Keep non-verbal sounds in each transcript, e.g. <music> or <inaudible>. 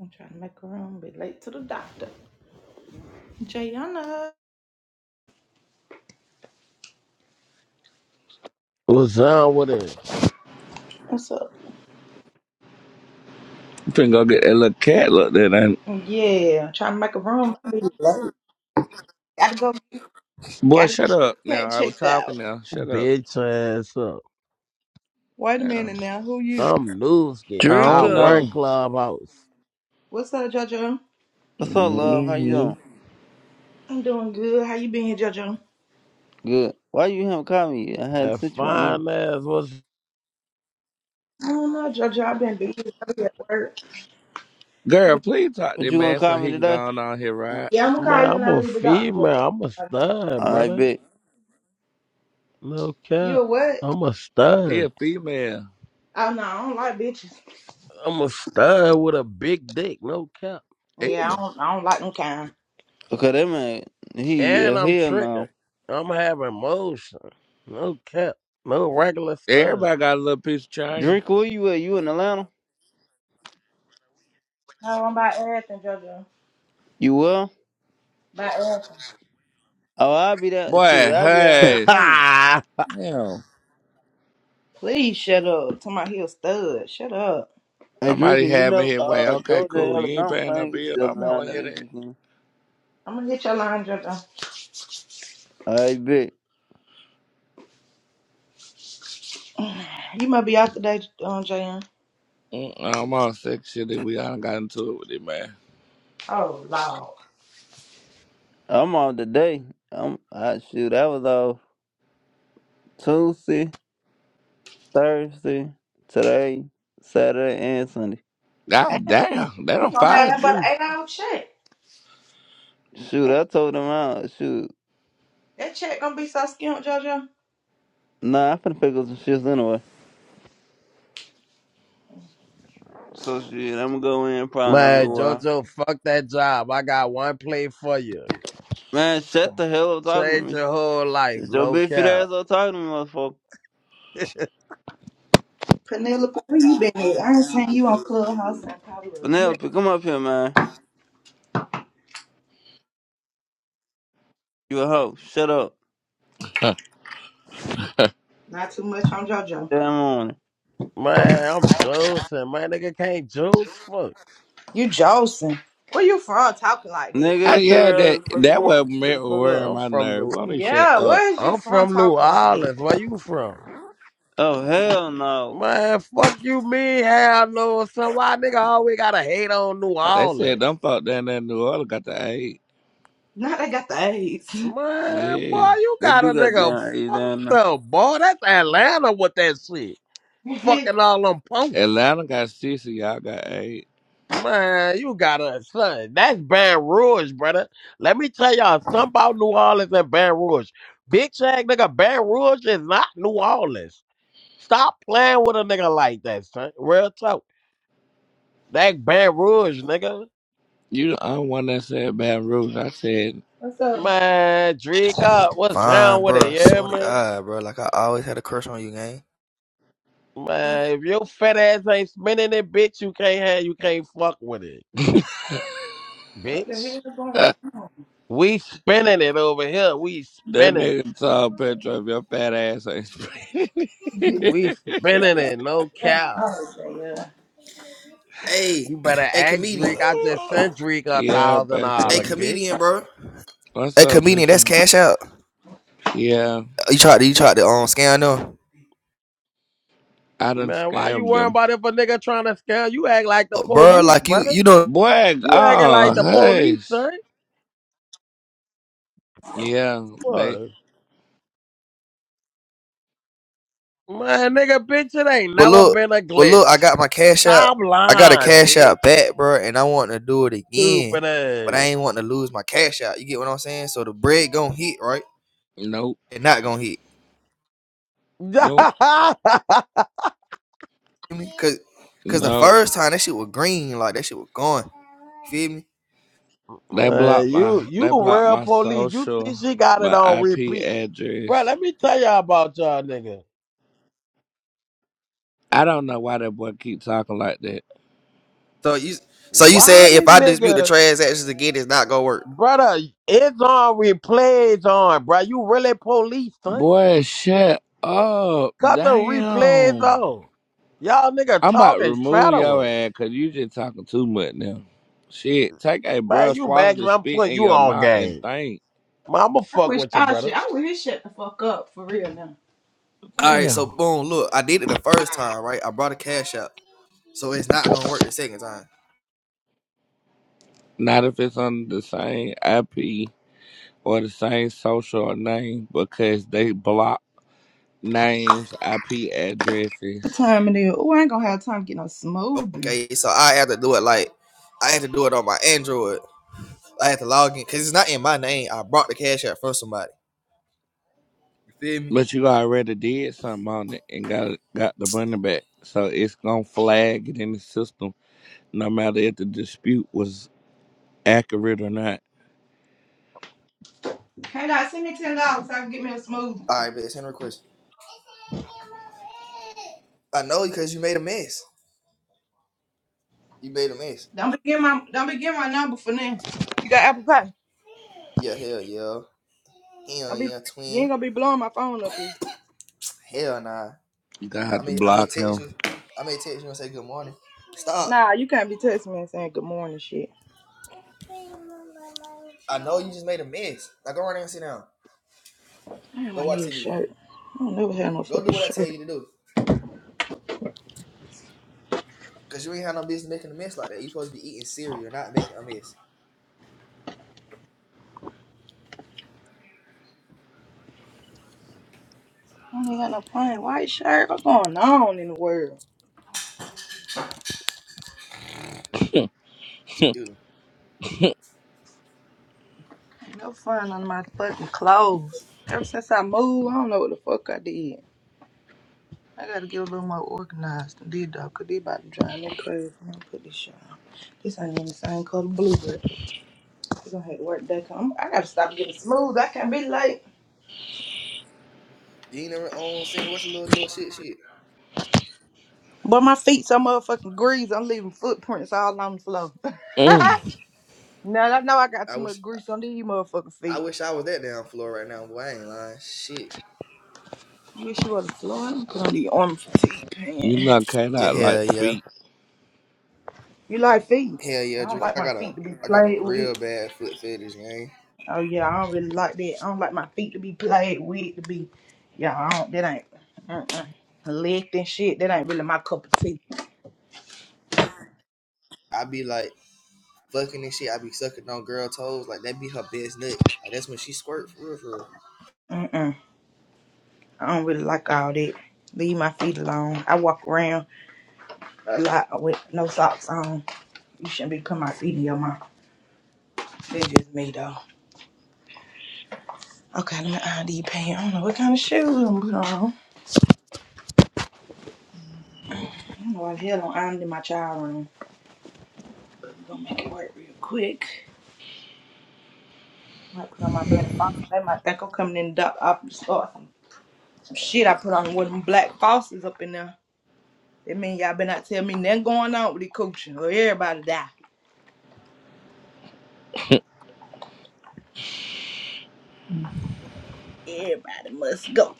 I'm trying to make a room. Be late to the doctor. Jayana, What's up with it? what's up? Finna go get that little cat look there. Then. Yeah, I'm trying to make a room. <laughs> Gotta go. Boy, Gotta go shut get up the now. cat I was checked talking out. now. Shut up. Bitch ass up. Wait a Yeah. minute now. Who you? I'm Newski. I I don't Jericho, run know. Clubhouse. What's up, JoJo? what's up, love? How you hmm doing? I'm doing good. How you been, JoJo? Good. Why you haven't called me? yet? I had to And sit you my number. fine ass what's I don't know, JoJo. I've been busy. I be at work. Girl, please talk to But that you gonna man so call me he can go today? on out here, right? Yeah, I'm gonna man, call you when I'm I a leave the doctor, female. I'm a JoJo. stud, I brother. bet. No cap. You a what? I'm a He stud. a female. Oh no, I don't like bitches. I'm a stud with a big dick, no cap. Yeah, I Ew. don't. I don't like them kind. Okay, that man, he yeah, And I'm hell tricking. no. I'm having motion. No cap. No regular stud. Everybody got a little piece of chain. Jericho, where you at? You in Atlanta? No, I'm about everything, JoJo. You well? About everything. Oh, I'll be there. Shoot, Boy, I'll be there not hush. soon. <laughs> Hell. Please shut up. Talking about he a stud. Shut up. Hey, Jericho, Somebody you having know, his way. uh, Okay, Georgia and cool. You ain't Alabama paying no playing each bill. No, other I'm not down gonna there hear this that. weekend. I'm gonna get your laundry done. I bet. <sighs> You might be out today, um, Jayan. Mm-mm, I'm all sick shit that we all got into it with it, man. Oh Lord. I'm off today. I'm. I shoot. I was off Tuesday, Thursday, today, Saturday, and Sunday. Damn, God damn. They you don't gonna have fire nothing but an you. <laughs> eight hour check. Shoot, That I told him out. Shoot. that check gonna be so skimp, Jojo. Nah, I'm finna pick up some shifts anyway. So shit, I'm gonna go in probably in a Man, little while. Jojo, fuck that job. I got one play for you. Man, shut the hell up talking to Change me. your whole life, Shut your no big fat cap. ass up talking to me, motherfucker. <laughs> Penelope, where you been at? I ain't seen you on Clubhouse in probably a year. Penelope, come up here, man. You a hoe. Shut up. Not too much on Jojo. Damn morning. Man, I'm juicing. Man, nigga can't juice. Fuck. You Jolson. Where you from talking like that? Nigga, I, it's too yeah, early in that the fucking that was morning. Shut me the fuck up. wearing I'm my from nerve. New. Why don't you shut Yeah, up? Where is you I'm from from New talking like that? Orleans. Where you from? Oh, hell no. Man, fuck you, me, hell no. So why nigga always gotta hate on New They said them Orleans? folk down there in New Orleans got the eight. now they got the AIDS. Man, Yeah. boy, you They got do a nigga goddamn eat down fucked now? up, boy. That's Atlanta with that shit. <laughs> Fucking all them punks. Atlanta got six and y'all got eight. Man, you got a son. That's Baton Rouge, brother. Let me tell y'all something about New Orleans and Baton Rouge. Big Shag, nigga, Baton Rouge is not New Orleans. Stop playing with a nigga like that, son. Real talk. That Baton Rouge, nigga. You the only one that said Baton Rouge. I said What's up? Man, drink up. What's down Fine, with it, bro. I yeah, Swear to man? God, bro. Like I always had a crush on you, gang. Man, if your fat ass ain't spinning it, bitch, you can't have, you can't fuck with it, <laughs> What the hell bitch. is going on? that We spinning it over here. We spinning it. nigga saw a picture of your fat ass ain't spread. <laughs> We <laughs> spinning it. No cap. oh, yeah. Hey, You better <clears throat> a act comedian. Drake. I just sent Drake a Yeah, thousand A dollars, Petro. bitch. comedian, bro. What's A up, comedian. That's Petro? cash out. Yeah, You tried to you tried to um scam them, I done Man, why you scammed worrying them. about if a nigga trying to scam? You act like the Uh, bro. police, Like you brother. you know. Boy, You acting oh, like the police, hush. son. Yeah, they, What? Man, nigga, bitch, it ain't But never look, been a but look. I glitch. got my cash out. Stop I got a lying, cash out bitch. back, bro. And I want to do it again, Stupid but I ain't wanting to lose my cash out. You get what I'm saying? So the bread gonna hit, right? nope, And not gonna hit. ass. nope. <laughs> feel me? Cause, cause the No, first time that shit was green, like that shit was gone. feel me? they Man, blocked my you you they blocked real my police. You see social, she got it my on IP repeat. Bro, address. let me tell y'all about y'all nigga. I don't know why that boy keep talking like that. So you, so you Why said the if I dispute the nigga? transactions again, it's not gonna work. Brother, it's on replays on, bro. You really police, son. Boy, shut up! Cut the replays Damn, on. Y'all nigga I'm about to talking remove your federal. ass because you just talking too much now. Shit, take a Man, breath, you swallow mad the cause I'm spit putting in you your on mouth, and game. think. Man, I'ma I fuck wish with you, I brother. should. I wish he shut the fuck up for real now. All right, Damn, so boom, look, I did it the first time, right? I brought a cash out, so it's not gonna work the second time. not if it's under the same IP or the same social name because they block names, IP The addresses. time it is. Oh, I ain't gonna have time to get no smoothie. Okay, so I have to do it like, I have to do it on my Android. I have to log in, cause it's not in my name. I brought the cash out from somebody. You feel me? But you already did something on it and got got the money back. So it's gonna flag it in the system no matter if the dispute was accurate or not. Hey, dog, send me ten dollars so I can get me a smoothie. All right, but send a question. I know because you made a mess. You made a mess. Don't be getting my don't be getting my number for now. You got Apple Pay. Yeah, hell yeah. Hell Don't be yeah, you twin. ain't gonna be blowing my phone up here. Hell nah. You got to I have to may I may block text him. you. I may text you and say good morning. Stop. Nah, you can't be texting me and saying good morning shit. I know you just made a mess. Now go right there and sit down. Damn, Go I watch need a TV. shirt. I don't never have no Go do fucking what I tell shirt. you to do. Cause you ain't have no business making a mess like that. You supposed to be eating cereal, not making a mess. I don't even got no plain white shirt. What's going on in the world? Excuse me. Ain't no fun under my fucking clothes. Ever since I moved, I don't know what the fuck I did. I gotta get a little more organized than these dog, cause they about to drive me crazy. Let me put this shit on. This ain't even the same color blue, but we gonna have to work back home. I gotta stop getting smooth. I can't be late. You ain't never on seen watch a little little shit shit. But my feet so motherfucking greasy. I'm leaving footprints all on the floor. <laughs> Mm. now I know I got I too wish much I grease on these motherfucking I feet. wish I was that damn floor right now, boy. I ain't lying. Shit. You wish you was the floor. Let me put on the arm fatigue You pants. not cut Yeah, out hell like yeah. feet. You like feet? Hell yeah, I don't Drake. like I my got a feet to be I got a played with. real bad foot fetish, gang. Oh yeah, I don't really like that. I don't like my feet to be played with, to be, yeah, I don't. That ain't mm-mm. licked and shit. That ain't really my cup of tea. I be like fucking and shit. I be sucking on girl toes. Like that be her best nut. Like that's when she squirt for real, for real. Mm-mm. I don't really like all that. Leave my feet alone. I walk around a lot with no socks on. You shouldn't be putting my feet in your mouth. That's just me though. Okay, let me iron these pants. I don't know what kind of shoes I'm gonna put on. I don't know why the hell I'm ironing in my child room. But we am gonna make it work real quick. I might put on my black box. They might think I'm coming in the dark office. or something. Shit, I put on one of them black faucets up in there. That mean y'all better not tell me nothing going on with the coaching or everybody die. Everybody must go.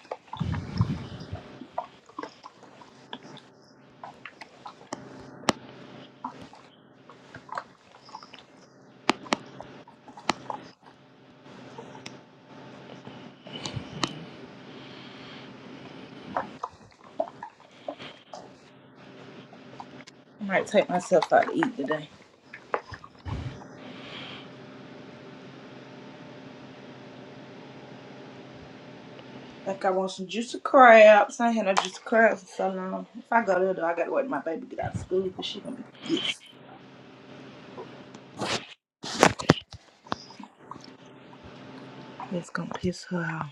I might take myself out to eat today. Like I want some juicy crabs. I ain't had no juicy crabs for so long. If I go there though, I gotta wait till my baby get out of school because she gonna be pissed. That's gonna piss her off.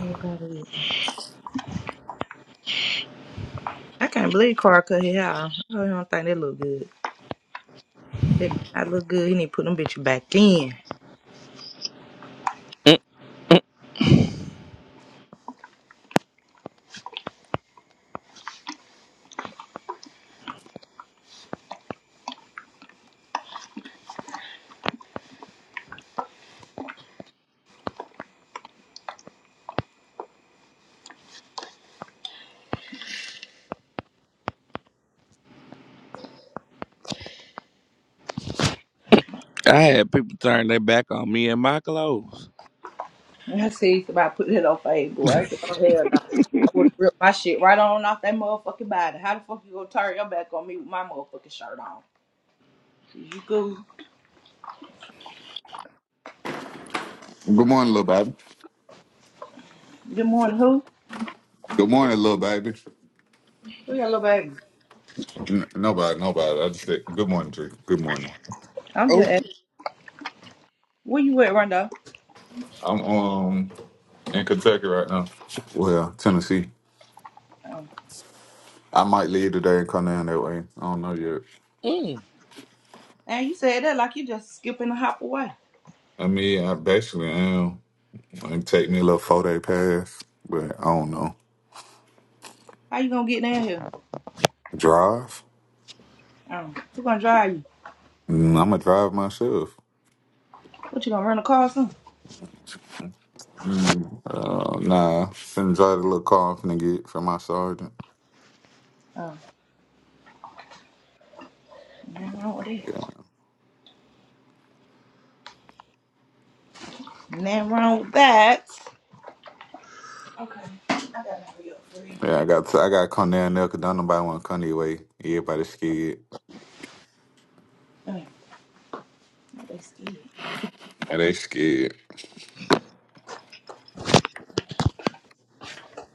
Everybody eating. I can't believe Carl cut her hair off. I don't think that look good. That did not look good. He need to put them bitches back in. Mm. I had people turn their back on me and my clothes. I see somebody put it on Facebook. I said, oh, hell no. I would have ripped my shit right on off that motherfucking body. How the fuck you gonna turn your back on me with my motherfucking shirt on? Is you cool? Good morning, little baby. Good morning, who? Good morning, little baby. Who your little baby? N- nobody, nobody. I just said good morning, Tree. Good morning. I'm just Oh. asking. Where you at, Rondo? I'm um in Kentucky right now. Well, Tennessee. Oh. I might leave today and come down that way. I don't know yet. Mm. And you said that like you just skipping and hop away. I mean, I basically am. It take me a little four day pass, but I don't know. How you gonna get down here? Drive? Oh. Who gonna drive you? Mm, I'm gonna drive myself. What, you gonna rent a car or something? Mm, uh, nah, finna drive the little car I'm finna get from my sergeant. Oh, nothing wrong with that. Nothing wrong with that. Okay. I gotta hurry up for real. Yeah, I got I got Kanye and Nelka. Don't nobody want Kanye way. Everybody scared. Oh, they scared. Yeah, they scared.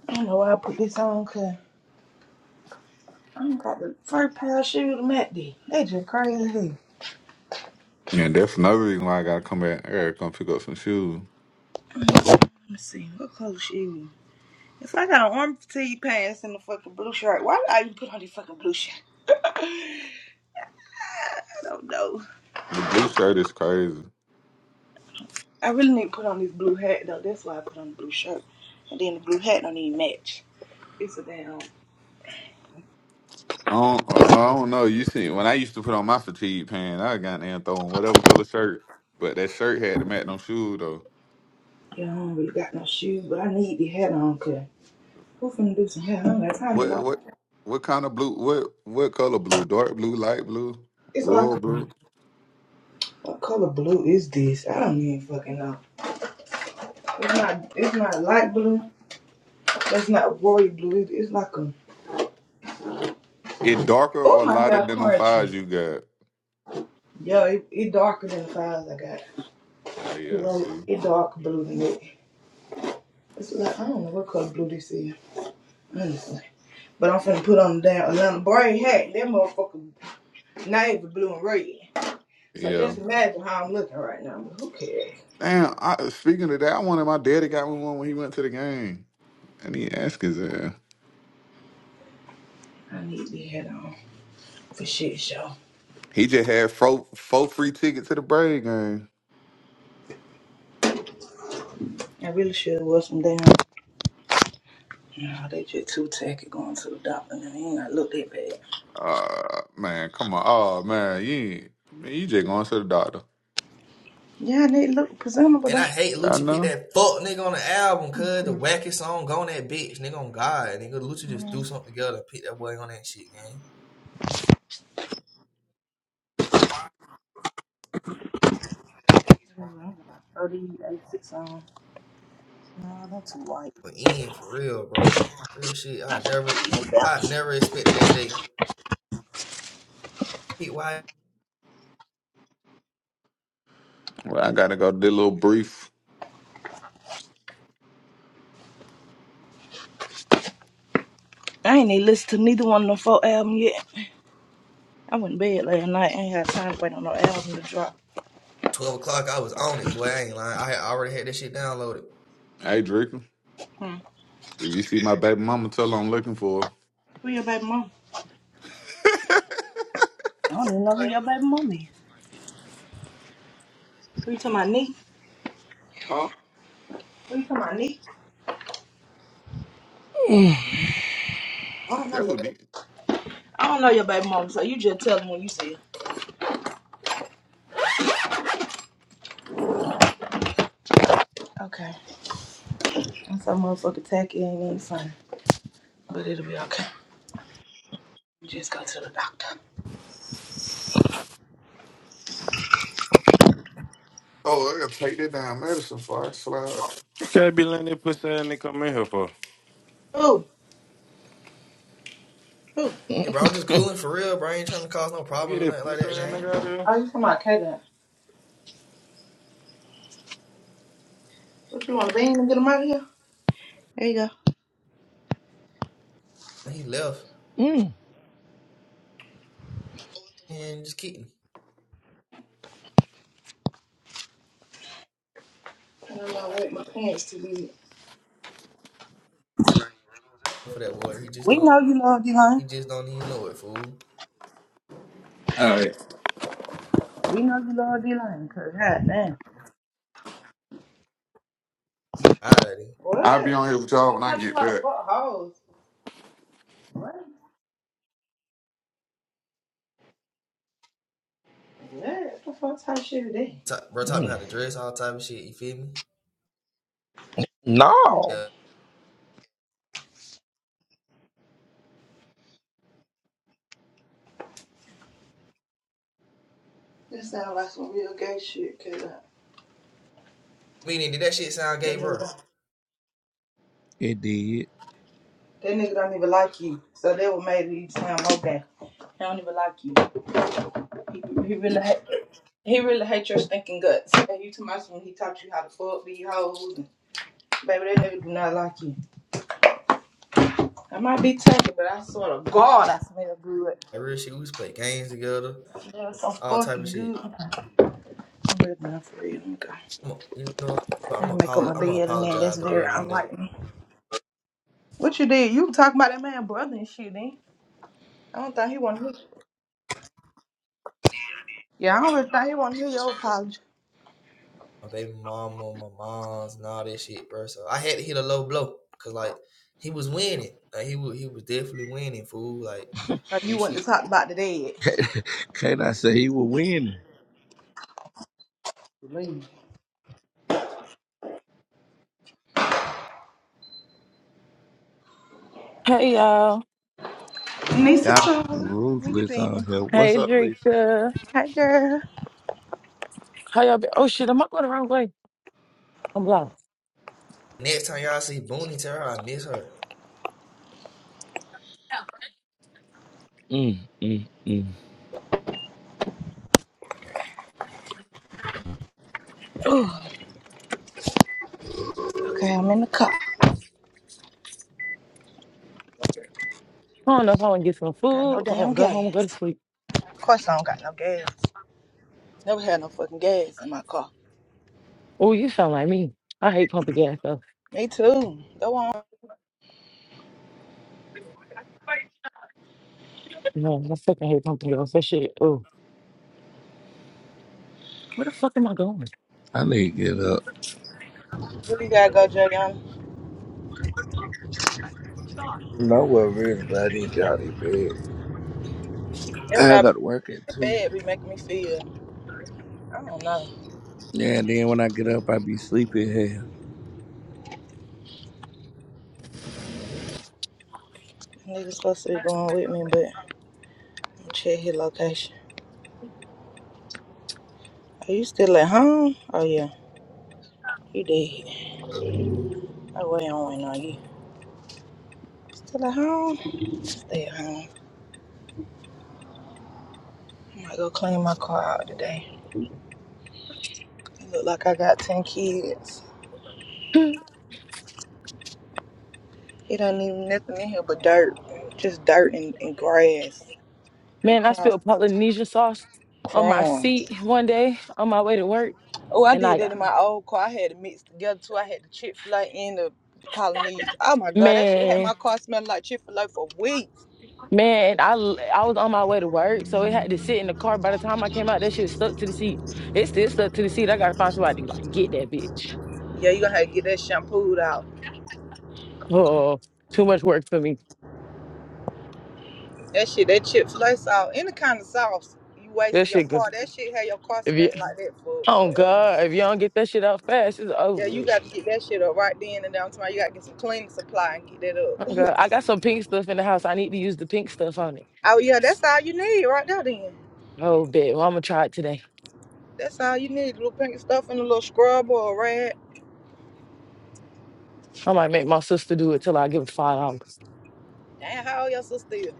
I don't know why I put this on, cuz. I ain't got the first pair of shoes to met. these. They just crazy. as hell. let And that's another reason why I gotta come back here, come pick up some shoes. me see, what color shoes? If I got an arm fatigue pants and a fucking blue shirt, why did I even put on this fucking blue shirt? <laughs> I don't know. The blue shirt is crazy. I really need to put on this blue hat though. That's why I put on the blue shirt. And then the blue hat don't even match. It's a damn. I don't, I don't know. You see, when I used to put on my fatigue pants, I got in throwing whatever color shirt, but that shirt had to match them shoes though. Yeah, I don't really got no shoes, but I need the hat on because who finna do some hair? I don't got time to What know. what what kind of blue? What what color blue? Dark blue, light blue, It's like royal a, blue. what color blue is this? I don't even fucking know. It's not. It's not light blue. That's not royal blue. It- It's like a. It darker Oh or my lighter hair than them crunchy. fives you got? Yeah, it, it darker than the fives I got. Oh It yeah, I won't. see. It dark blue than it. It's like I don't know what color blue this is. Honestly. But I'm finna put on the damn Atlanta braid hat. That motherfucker navy blue and red. So Yeah. just imagine how I'm looking right now. But who cares? Damn, I, speaking of that, I wanted my daddy got me one when he went to the game. And he asked his ass. I need the hat on for shit show. He just had four, four free tickets to the Braves game. I really should wear some damn. Nah, they just too tacky going to the doctor. And They ain't gotta look that bad. Uh man, come on. Oh man, you ain't- man, you just going to the doctor. Yeah, they look presentable And though. I hate I Lucci picked know. that fuck nigga on the album, Let cuz the me wackest song go on that bitch, nigga on God. Nigga Lucci just see. threw something together and picked that boy on that shit, gang. 86 on. No, that's white. But Ian, for real, bro. Real shit. I never I never expected that day. Why Well, I gotta go do a little brief. I ain't even listened to neither one of them four album yet. I went to bed last night. I ain't had time to wait on no album to drop. twelve o'clock I was on it, boy. I ain't lying. I had already had that shit downloaded. Hey Draco, Hmm. if you see my baby mama, tell her I'm looking for Who your baby mama? I don't even know who your baby mama is. Who you talking about, Nick? her. Huh? Who you talking about, Nick? Mm. I don't That's know your who baby. did. I don't know your baby mama, so you just tell them when you see her. Okay. I'm so motherfucking tacky. It ain't even funny, but it'll be okay. You just go to the doctor. Oh, I gotta take that damn medicine for I slide. Can't be letting that pussy ass nigga come in here for. Who? Who? Hey, bro, I'm just cooling for real, bro. I ain't trying to cause no Get problems or that nothing like pussy that, ass gang. nigga out of here. Oh, you talking about Kaden? What you want to bang and get him out of here? There you go. And He left Mm. and just kidding I don't know, wait, my pants too big. for that boy. He just We don't. know you love D-Lane. He just don't even know it, fool. All right. We know you love D-Lane, because goddamn. Alrighty, I'll be What? on here with y'all He when I taught you get how to back. fuck hoes. What? What? the fuck type shit is that? Ta- bro, taught me Mm. how to dress, all type of shit. You feel me? No. Yeah. This sound like some real gay shit, cause uh, Meaning, did that shit sound gay, that nigga, don't- bro? that It did. nigga don't even like you. So that what made it sound more gay. He don't even like you. He, he really hate, he really hate your stinking guts. And you too much when he taught you how to fuck these hoes. Baby, that nigga do not like you. I might be taken, but I swear to God, I smell good. Like real shit. We used to play games together, Yes, I'm all type of fucking shit. good. I'm ready now for real. Let I i am you know, Imma make up apolo my Imma bed and then apologize that's to very bro one day. unlike me. What you did? You talk about that man brother and shit then. I don't think he wanna hear Yeah, I don't really think he wanna hear your apology. My baby mama, my moms, and all that shit, bro. So I had to hit a low blow, cause like he was winning, like he was he was definitely winning, fool. Like Like you real want to shit. talk about the dead. Can I say he was winning? Believe Hey y'all. me. Nisa Y'all so Chloe, where you ruthless been? on here. What's Hey up, Lisa? Drika. Hey girl. How y'all been? Oh shit, am I going the wrong way? I'm lost. Next time y'all see Booney, tell her I miss her. Mm, mm, mm. Okay, I'm in the car. I don't know if I want to get some Got no food, if I want damn to go home, go to gas. sleep. Of course I don't got no gas. Never had no fucking gas in my car. Oh, you sound like me. I hate pumping gas though. Me too. Go on. No, I fucking hate pumping gas. That shit. Oh, where the fuck am I going? <laughs> I need to get up. Where you gotta go, Jody? That's No worries, really, but I didn't bed. what I I got to work at two. bad be making me feel. I don't know. Yeah, and then when I get up, I be sleepy as hell. Nigga supposed to be going with me, but I'm check his location. Are you still at home? Oh yeah, you did. I wait on waiting on you. Still at home? Stay at home. I might go clean my car out today. It look like I got ten kids. Hmm. It don't even nothing in here but dirt, just dirt and, and grass and Man, I crumb, spilled Polynesian sauce on my crumbs. seat one day on my way to work, Oh, I and I did that got in my old car. I had it mixed together too. I had the Chick Fil A and the Polynesian. Oh my God, that shit had man, my car smelling like Chick Fil A for weeks. man, I l- I was on my way to work, so it had to sit in the car. By the time I came out, that shit was stuck to the seat. It still stuck to the seat. I gotta find somebody to like get that bitch. Yeah, you gonna have to get that shampooed out. Oh, too much work for me. That shit, that Chick Fil A sauce, any kind of sauce, you That wasting your shit. go- car. That shit had your car If you, smelling like that <laughs> for oh forever. God, if you don't get that shit out fast, it's over. Yeah, you With. got to get that shit up right then and down tomorrow. You got to get some cleaning supply and get that Oh up. God, I got some pink stuff in the house. I need to use the pink stuff on it. <laughs> oh yeah, that's all you need right there. Then Oh, bet. Well, I'm gonna try it today. that's all you need. A little pink stuff and a little scrub or a rag. I might make my sister do it till I give her five dollars. Damn, how old your sister is?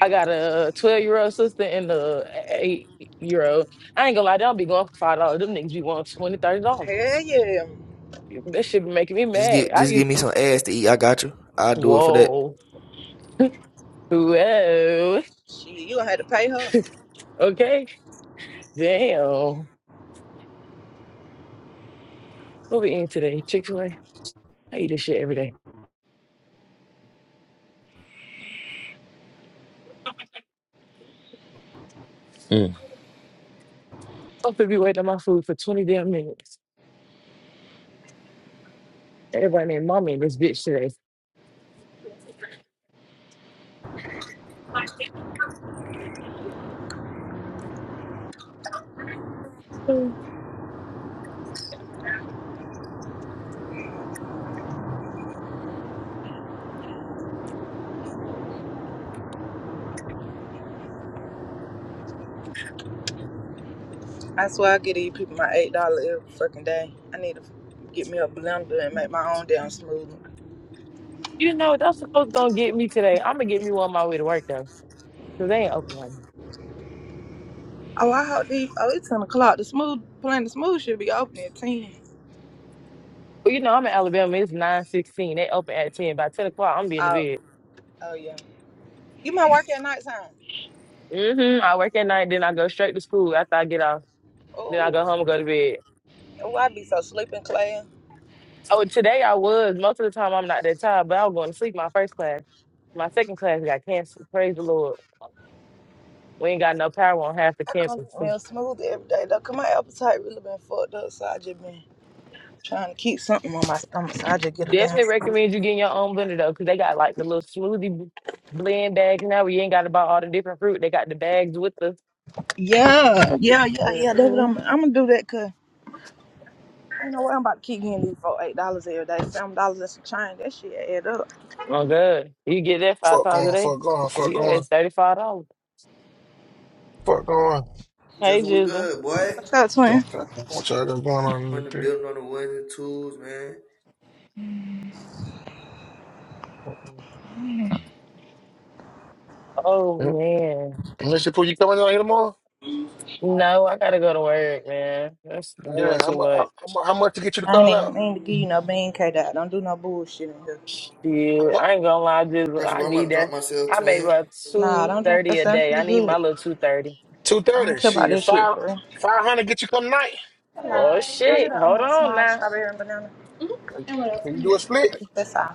I got a twelve year old sister and a eight year old. I ain't gonna lie, they don't be going for five dollars. Them niggas be wanting twenty, thirty dollars. Hell yeah. That shit be making me Just mad. get I just give used me some ass to eat. I got you. I'll do it for that. whoa, whoa, Shit, you gonna have to pay her. okay, damn. What we eating today? Chick Fil A. I eat this shit every day. Mm. I'm Supposed to be waiting on my food for 20 damn minutes. Everybody named mommy in this bitch today. Mm. I swear I give these people my eight dollar every fucking day. I need to get me a blender and make my own damn smoothie. You know, that's supposed to gonna get me today. I'm gonna get me one on my way to work though. Cause they ain't open right now. Oh, I hope these. Oh, it's ten o'clock. The smooth playing the smooth should be open at ten. Well, you know, I'm in Alabama. It's nine sixteen. They open at 10. By 10 o'clock, I'm being in Oh, bed. oh yeah. You might work at nighttime. hmm I work at night, then I go straight to school after I get off. Then I Oh, go home and go to bed. oh, I be so sleeping, Claire. Oh, today I was. Most of the time, I'm not that tired, but I was going to sleep my first class. My second class got canceled. Praise the Lord. We ain't got no power on half the I come get me campus. a smoothie every day though. Cause my appetite really been fucked up, so I just been trying to keep something on my stomach. So I just get a damn. Definitely recommend you getting your own blender though, because they got like the little smoothie b- blend bags now where you ain't got to buy all the different fruit. They got the bags with the. Yeah, yeah, yeah, yeah. That's what hmm I'm. I'm gonna do that, cause. I know what I'm about to keep getting these for eight dollars every day, seven dollars and some change. That shit add up. Oh, good. You get that five Fuck times a going, day. fuck going, fuck You going, had $35. fuck going. Hey, Just was Jizzle. good, boy. What's up, twin? What y'all got going on in the On the bit? building on the ones and twos, man. Yeah. Oh, man. Mr. Pooh, you coming down here tomorrow? No, I got to go to work, man. That's Yeah, doing how, too mu- much. how mu- how much to get you to I ain't call even out? mean to give you no bean cake out. Don't do no bullshit. How Shit. much? I ain't gonna lie, I Jizzle. got you, I bro. I'm need about to drop that. myself, I make twin. about Nah, don't drop 230 that a thing. day. I You need good. my little 230. Two I don't thirty. care about Shit, this shit five for real. five hundred get you come tonight. Oh, Hello. Can I get shit. a Hold um, on small now. strawberry and banana? Can you do a split? That's all.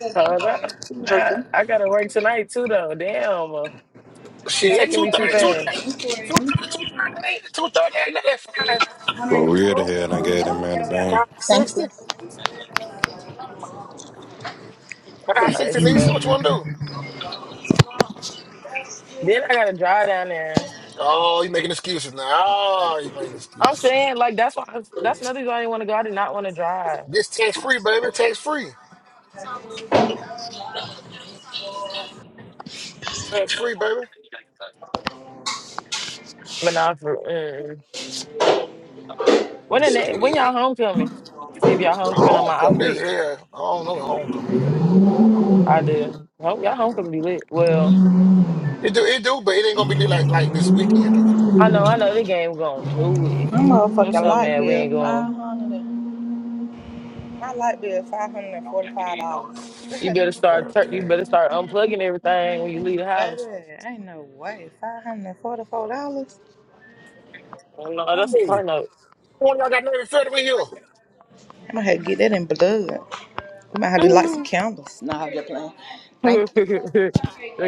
Okay. Hold up. Nah, Drinker. I gotta work tonight too though. Damn. uh, You Shit, Thank at taking two me too thirty, two thirty, fast. two thirty, two thirty. That ain't two thirty. Ain't that five Well, weird the hell done gave that man a bang. five sixty? you. Five sixty. Let's Nisa, go. what you want to do? Then I gotta drive down there. Oh, you making excuses now. Oh, you making I'm excuses. saying, like, that's why I was- that's another reason I didn't want to go. I did not want to drive. This tax free, baby. Tax free. Tax free, baby. But not for mm. when the, Just ne- when scared. y'all homecoming. See if y'all homecoming on my off Homecoming. This week. here. I don't know what homecoming is. I do. Hope y'all homecoming be lit. Well, It do, it do, but it ain't gonna be lit like like this weekend though. I know, I know the game gonna do My it. I'm motherfucking so light mad we bill, ain't going. five hundred. and My light bill, five hundred and forty-five dollars. You better start God tur- you damn. better start unplugging everything when you leave the Baby, house. ain't no way, five hundred and forty-four dollars. Oh no, that's a Hey, part note. one y'all got Navy Federal in here. I might have to get that in blood. We might <laughs> have to light some the candles. Nah, I'm just playing. Thank you.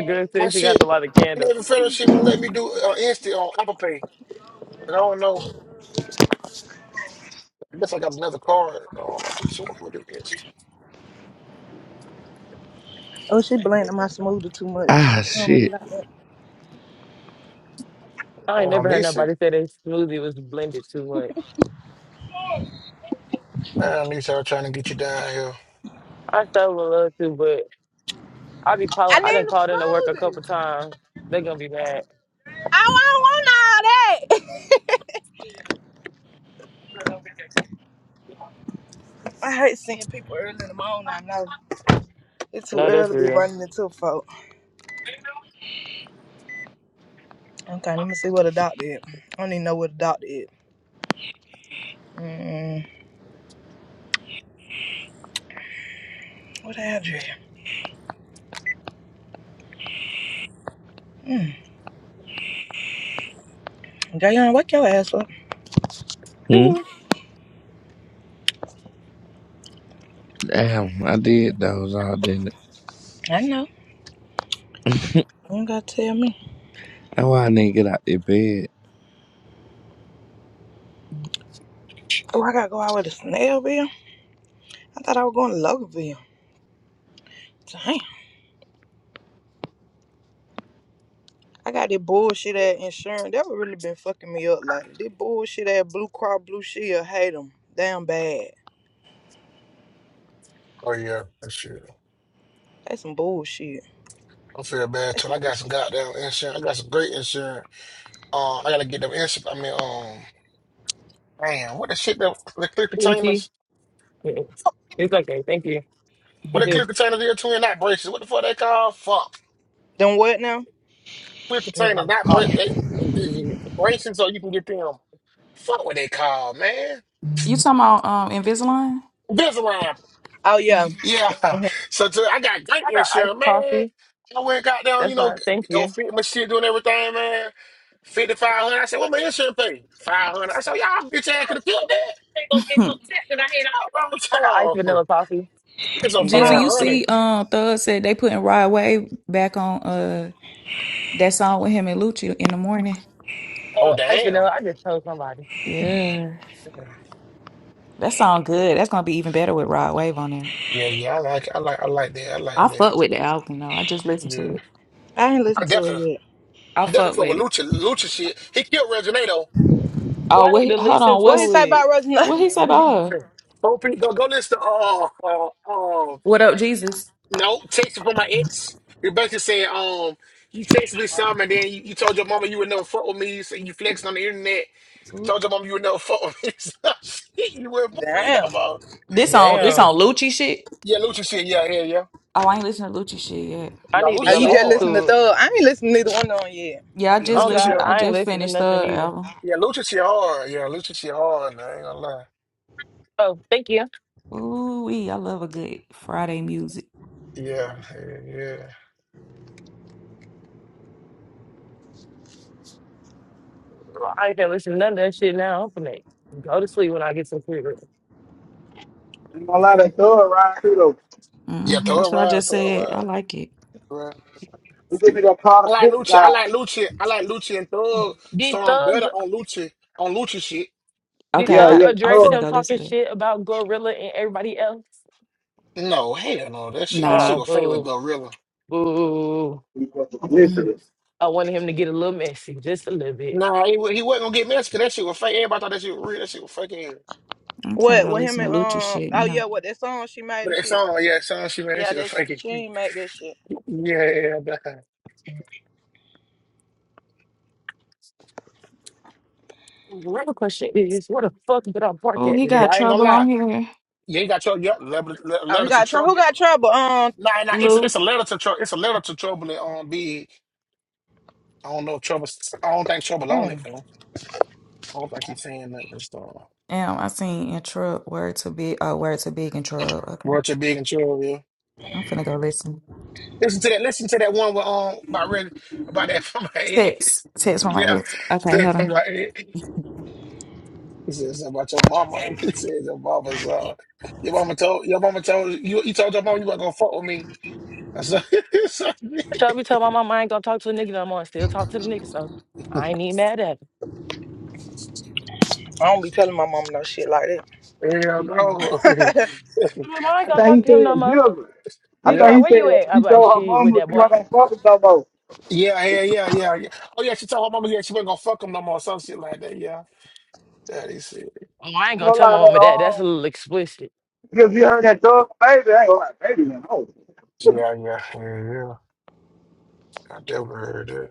girl My said she got shit, a lot of candles. Navy Federal shit won't let me do uh, instant on Apple Pay. And I don't know. I guess I got another card. I don't know. I just want to do instant. Oh, she blending my smoothie too much. Ah, shit. Oh, I ain't Um, never heard Nisi, nobody say that smoothie was blended too much. um, Nisi, I'm trying to get you down here. I so would love to, but I be calling. I I need didn't the call in to work a smoothie. couple times. They gonna be mad. I hate seeing people early in the morning. I know it's too No, that's early to be real. running into folk. Okay, let me see what the doctor is. I don't even know what the doctor is. Mm, what the hell is Mm, Jayon, wake your ass up. Hmm? Damn, I did those all day. I know. <laughs> That's You ain't gotta tell me. why I didn't get out the bed. Oh, I gotta go out with a Snellville. I thought I was going to Loganville. Damn. I got this bullshit ass insurance. That would really been fucking me up lately. This bullshit ass Blue Cross Blue Shield. Hate them. Damn bad. Oh yeah, that's true. That's some bullshit. I feel bad too. I got some goddamn insurance. I got some great insurance. Uh, I gotta get them insurance. I mean, um, damn, what the shit that the clip <laughs> containers? Easy. Mm-mm. It's okay. Thank you. What He the said, clear containers here, twin, not braces. What the fuck they call? Fuck. Them what now? Clear "You containers, want not bra- coffee?" they, they, braces so you can get them. Fuck what they call, man. You talking about um Invisalign? Invisalign. Oh, yeah. Mm. Yeah. <laughs> So to, I got great I got iced insurance, man. coffee. I went got down, you That's know, not. g- Thank g- go you. fit my shit, doing everything, man. 5500 I said, what my insurance pay? 500 I said, y'all bitch ass could have killed that. <laughs> Oh, wrong with I got iced y'all? vanilla coffee. <laughs> It's a Jizzle, Yeah. you 500 Mm. see, um, Thug said they putting Rod Wave back on uh that song with him and Lucci in the morning. Oh, Uh, iced damn. vanilla. I just told somebody. Yeah, that sound good. That's gonna be even better with Rod Wave on there. Yeah, yeah, I like, I like, I like that. I like I that. fuck with the album though. I just listened Yeah. to it. I ain't I listened to it definitely. yet. I fuck Difficult with with it. Lucha, Lucha shit. He killed Reginado. Well, Oh, I what? need He, to hold listen on. What he What's to say it. about Rosanna? what he say about her? Opie, go go listen to uh, uh, uh What up, Jesus? no text from my ex. Rebecca said, um, you texted me some and then you, you told your mama you would never fuck with me, so you flexed on the internet. Told your mama you would never fuck with me. <laughs> So shit, you wouldn't <laughs> fuck with me Damn. no more. This on this Yeah, Damn. on Lucci shit. yeah, Lucha shit, yeah, yeah, yeah. Oh, I ain't listening to Lucci shit yet. I Yeah, need to Oh, Lucha go shit you just listen hard. listen to to it. Thug. I ain't listened to neither one of them yet. Yeah, I Yeah, just Oh Lucha shit listened. God, I I ain't just listening to finished nothing the either. album. yeah, Lucha shit hard. Yeah, Lucha shit hard, I ain't gonna lie. Oh, thank you. Ooh, wee, I love a good Friday music. Yeah, yeah, yeah. Well, I ain't gonna listen to none of that shit now. I'm finna go to sleep when I get some sleep. I'm gonna lie, that thug ride through though. Yeah, hmm throw it That's what I around, just throw it said. around. I like it. Right. He give me that I Carter like Dick Lucci. I guy. like Lucci. I like Lucci and Thug, so Did I'm better Thug on Lucci on Lucci shit. Okay, did I Yeah, Thug got. yeah, I'm address finna him thug. go talking listen to. it. shit about Gorilla and everybody else? No, hell no. That shit that shit Nah, Oh was fake with boo. Glorilla. Boo. He fucking Mm. listening. I wanted him to get a little messy, just a little bit. Nah, he, wa- he wasn't gonna get messy 'cause that shit was fake. Everybody thought that shit was real. That shit was fucking I'm finna What go with him listen and to Lucha um? shit. Oh Yeah. yeah, what that song she made but and that shit. song, yeah, that song she man, that Yeah, shit was that fake. she ain't <laughs> made that shit. yeah, nah. Another question is, where the fuck did I park Oh, at he today? but got I ain't gonna trouble on lie. here, You ain't got your yeah, letter, le- Oh, he letter to got trouble. Who trouble. got trouble? Um. Nah, nah, it's it's Lou. a letter to trouble. It's a letter to trouble. And um, be I don't know if trouble. I don't think trouble on it mm, though. I don't think he's saying that. Damn, I seen in truck word to big. Oh, word to big in truck. Okay, Watch your big and true, yeah. I'm finna go listen. Listen to that. Listen to that one with um about red about that <laughs> from my head. <laughs> Text, text from my Yeah, ex. Okay, that hold from my on. head. He says about your mama. <laughs> He says your mama's uh your mama told your mama told you you told your mama you weren't gonna fuck with me. I said, <laughs> so, I should be telling my mom I ain't gonna talk to a nigga no more. I still talk to the nigga, so I ain't even mad at him. I don't be telling my mom no shit like hell Shit, I do. no. <laughs> that. My mom I ain't I gonna thought talk he to him no said more. Gilbert. I Then she thought yeah, like, he where said you at? I'm he like, told her shit, with mama that she boy. wasn't fucking no more. yeah, yeah, yeah, yeah, yeah. Oh yeah, she told her mama yeah she wasn't gonna fuck him no more. Some shit like that. Yeah, that is it. Oh, I I ain't am gonna gonna tell my lie, that mom and dad. That's a um, little explicit. because you heard that thug baby, I ain't gonna lie, baby, man, oh. Yeah, yeah, yeah, yeah. I definitely heard that.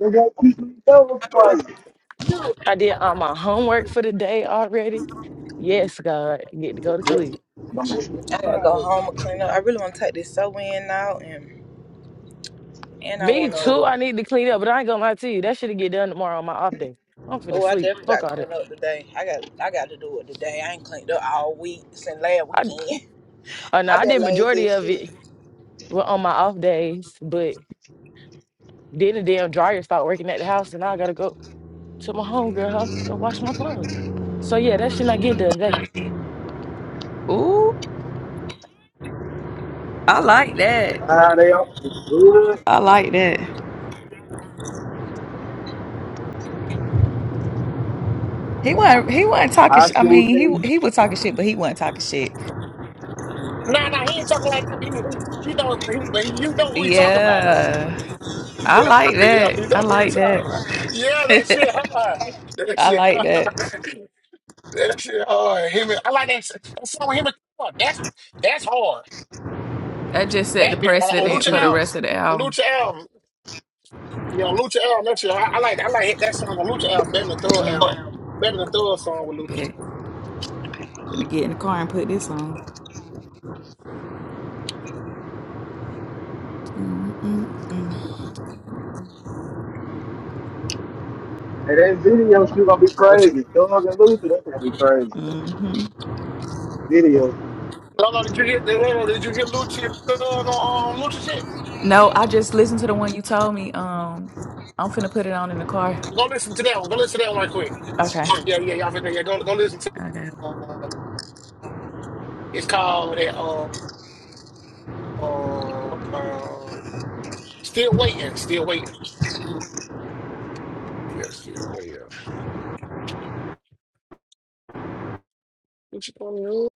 They got two sweet thugs Ooh. crazy. No. I did all my homework for the day already. Yes, God, I get to go to sleep. <laughs> I gotta go home and clean up. I really want to take this soap in now, and and I Me want to. too. I need to clean up, but I ain't gonna lie to you. That should get done tomorrow on my off day. I'm finna Oh, I sleep. definitely Fuck got to all that. clean up today. I got I got to do it today. I ain't cleaned up all week since last I weekend. uh, <laughs> no, I've I been did lazy majority as of it shit. wa- on my off days, but then the damn dryer stopped working at the house, and now I gotta go to my homegirl house and wash my clothes. So yeah, that should not get done today. Ooh, I like that. Ah, they all good. I like that. He wasn't. He wasn't talking. High Sh- I school mean, team. he he was talking shit, but he wasn't talking shit. Nah, nah, he ain't talking like that. But he, he- you know, but, he, but you know who he talking about though. Yeah, I Yeah, like <laughs> yeah, that. you I know who he like talking that. about. Yeah, that shit <laughs> hard. That I shit like that. hard. <laughs> That shit hard. Him, and- I like that, s- that song with him and Tupac. That's that's hard. That just set the That bit on, on Or the precedent Lucha for the kids. album, rest of the on album. Lucha album, yeah, on Lucha album. That shit. hard. I, like I like that song on Lucha album better than the Thug Mm, album, better than the Thug song with Lucha. bet. Gonna get in the car and put this on. Mm, mm, mm. And that video shoot gonna be What you? crazy. Thug and Luther, that's gonna be crazy. Mm-hmm. Video. Lolo, did you hear? Lolo, did you hear Lucha Thug on um, Lucha shit? No, I just listened to the one you told me. Um, I'm finna put it on in the car. Go listen to that one. Go listen to that one right quick. Okay. Yeah, yeah, yeah. I forgot. Yeah, go go listen to. Okay. Um, it's called that. Uh, uh, uh, still waiting, still waiting. Yeah, still waiting. What you gonna do?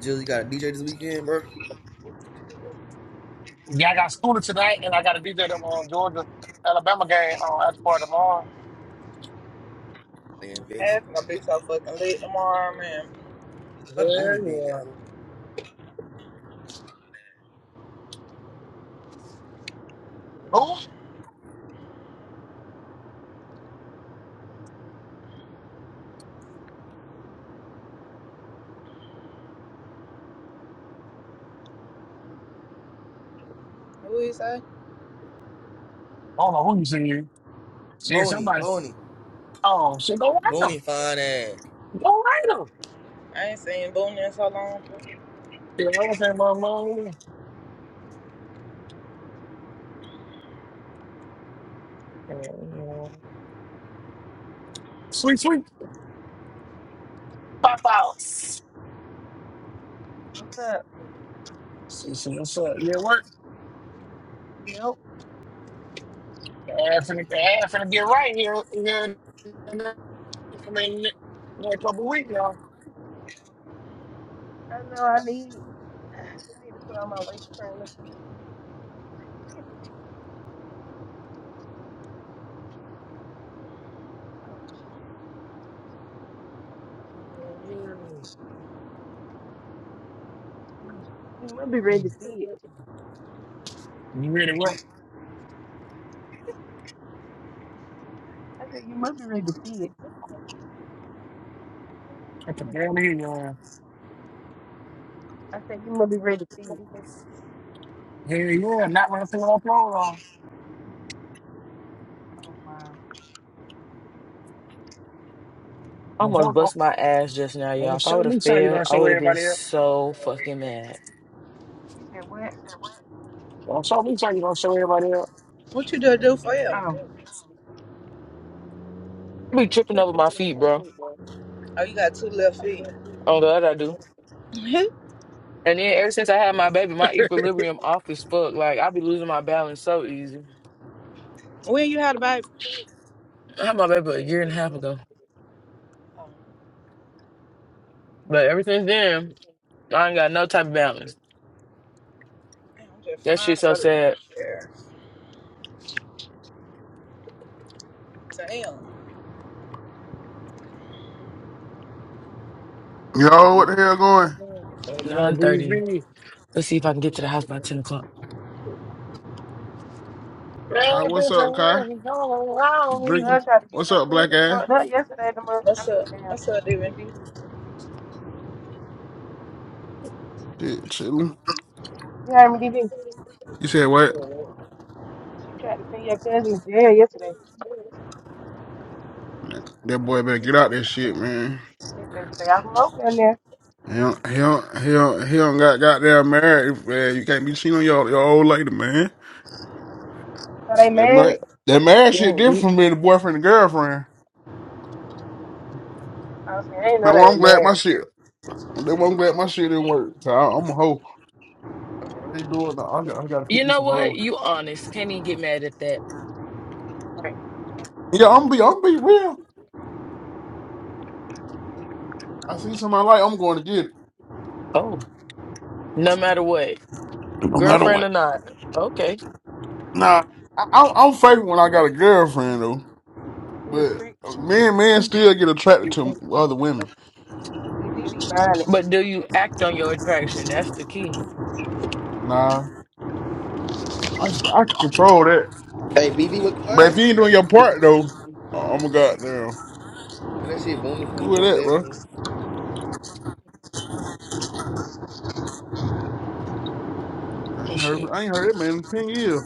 Jill, you got a DJ this weekend, bro? Yeah, I got school tonight, and I got to be there at the uh, Georgia Alabama game uh, after part tomorrow. Man, bitch. Ass gonna be so fucking late tomorrow, man. Where Yeah, Booney been yeah. at? Who? I What do you say? don't know who you see. See Boney, somebody. Boney. Oh, shit, go right now. Booney fine ass. Go right them. I ain't seen Boone in so long. Yeah, I was saying my mom. yeah." uh, Sweet, sweet. Pop outs. What's up? See, see what's up. Yeah, work. Yep. Ass finna, ass finna get right here, here in the next- a couple weeks, y'all. I know I need <sighs> <clears throat> I need to put on my waist trainer. Oh shit. You must be ready to see it. You ready to work? I said you must be ready to see it. I can barely hear <laughs> you. I said you must be ready to see it. Yeah, yeah, not when I put my clothes on. Oh wow. I Don't show, almost don't, bust my ass just now, y'all. don't If I show would have me something you failed, don't I show would have been everybody else. so fucking mad. He said what? Don't show me something you don't show everybody else. What you gonna do for <laughs> him? Um I be tripping over my feet, bro. Oh, you got two left feet. Oh God, I do. <laughs> And then ever since I had my baby, my equilibrium off as fuck. Like I be losing my balance so easy. when you had a baby? I had my baby a year and a half ago, Oh, but ever since then, I ain't got no type of balance. man, I'm just That flying shit to so go to sad. there. Damn. Yo, what the hell going? That Boy, Nine thirty. BV. Let's see if I can get Every to the house by ten o'clock. Kai, what's up, Kai? time you all around the me. girl Drinking? tried to get What's your up, cousin black ass? fucked up yesterday the month I What's mean up? damn What's up, Devin? DB. Shit, chilling. You heard me DB. You said what? She tried to send your cousin to jail yesterday. Man, That boy better get out that shit, man. She said they all over down there. He don't, he don't, he don't, he don't got goddamn married, man. You can't be cheating on your, your old lady, man. So they That mar- married. that marriage shit Damn, different dude. from being a boyfriend and girlfriend. I was saying I didn't know Now, well, they were I'm glad my married. shit, that one- I'm glad my shit didn't work. So I, I'm a hoe. I ain't doing that. I got, I got to pick You me know some what? hoes. You honest. Can't even get mad at that. Like, Yeah, I'm be, I'm be real. I see somebody like, I'm going to get it. Oh, no matter what, No matter girlfriend what. or not. Okay. Nah, I, I'm I'm faithful when I got a girlfriend though, He a but trick uh, too. men men Hey, still get attracted to other women. DB be buying it. But do you act on your attraction? That's the key. Nah, I I can control that. Hey, BD was But if quiet. you ain't doing your part though, I'm a goddamn And That shit Booney, who 24 is that, bro? 7. I Oh ain't heard shit. I ain't heard that man in ten years.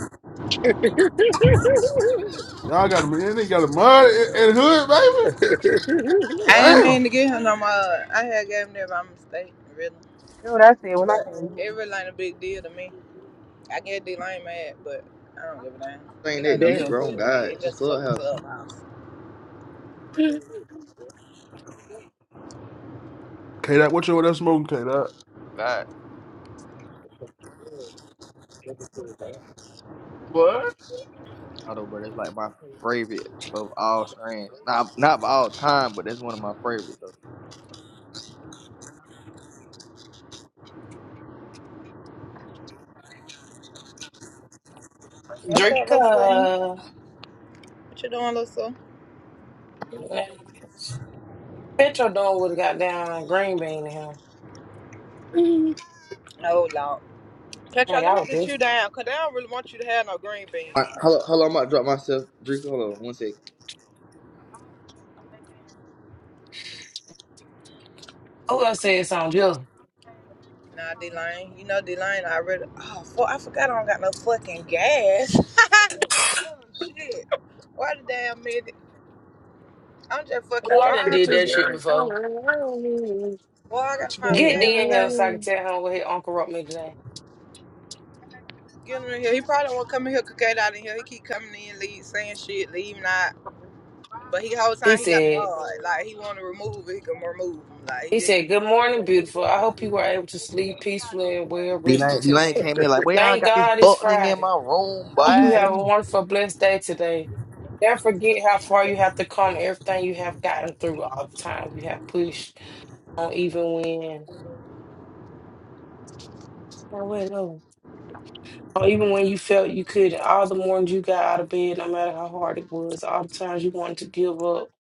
Y'all got a man, they got a Hey, mud and Man. and hood, baby. I ain't Damn. mean to get him no more. I had gave him there by mistake, really. Dude, I said when I But came here. it really ain't a big deal to me. I get D Lane mad, but I don't give a damn. It ain't It ain't that no deep, big Damn. bro. deal on to me. God. It it's Just just fucking Clubhouse. clubhouse. K that what you over there smoking, K that? God. What? Auto, bro. That's like my favorite of all strains. Not not of all time, but that's one of my favorites, though. What's Drake, up, Lucy? uh, What you doing, Lucy? Petro Don would have got down green bean to him. Oh, Oh, Lord. Catch y'all. Hey, let I me would get do. you down, cause they don't really want you to have no green I, beans. hello, hello, I'm about to drop myself. Drink, hold on. One second. Who else said something? Last Jill. Nah, D Lane. You know D Lane really. oh fuck I forgot I don't got no fucking gas. Oh shit. Why the damn minute? I'm just fucking I done driving. did pictures that shit are all before. around me. Well, I gotta What you find a gonna Get gas D in here station. so I can tell him what his uncle wrote me today. Get him in here. He probably don't wanna come in here cook it out in here. He keep coming in, leave saying shit, leave not. But he whole He time he got said, barred. Like he wanna remove it, he can remove him. Like he he just said, good morning, beautiful. I hope you were able to sleep peacefully and well rested D-Lane, D-Lane today. came in like, boy, I Thank got this God it's fuck nigga in Friday. my room, Hope you boy. have do? a wonderful, blessed day today. Never forget how far you have to come, everything you have gotten through, all the time you have pushed on, even when. Now, wait, no. Or even when you felt you couldn't, all the mornings you got out of bed, no matter how hard it was, all the times you wanted to give up,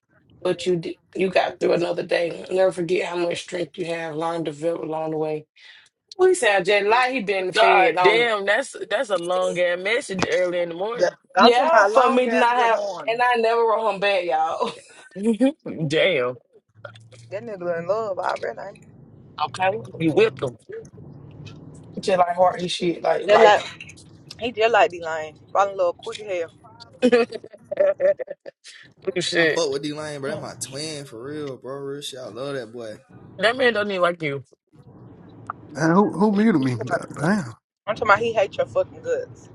but you did, you got through another day. Never forget how much strength you have, learn, develop along the way. We sound just like he been fed God on. damn, that's that's a long ass message early in the morning. I'm talking Yeah, about for long me to ass not good have, morning. and I never wrote him back, y'all. <laughs> damn. That nigga in love already. ain't he? Okay. You whipped them. <laughs> just like heart and shit, like They're like, like He just like D Lane. Fall in love quick as hell. <laughs> oh I shit. fuck with D-Lane, bro. That my twin, for real, bro. Real shit. I love that boy. That man don't even like you. Damn, who who You muted me? God, damn. I'm talking about he hates your fucking guts.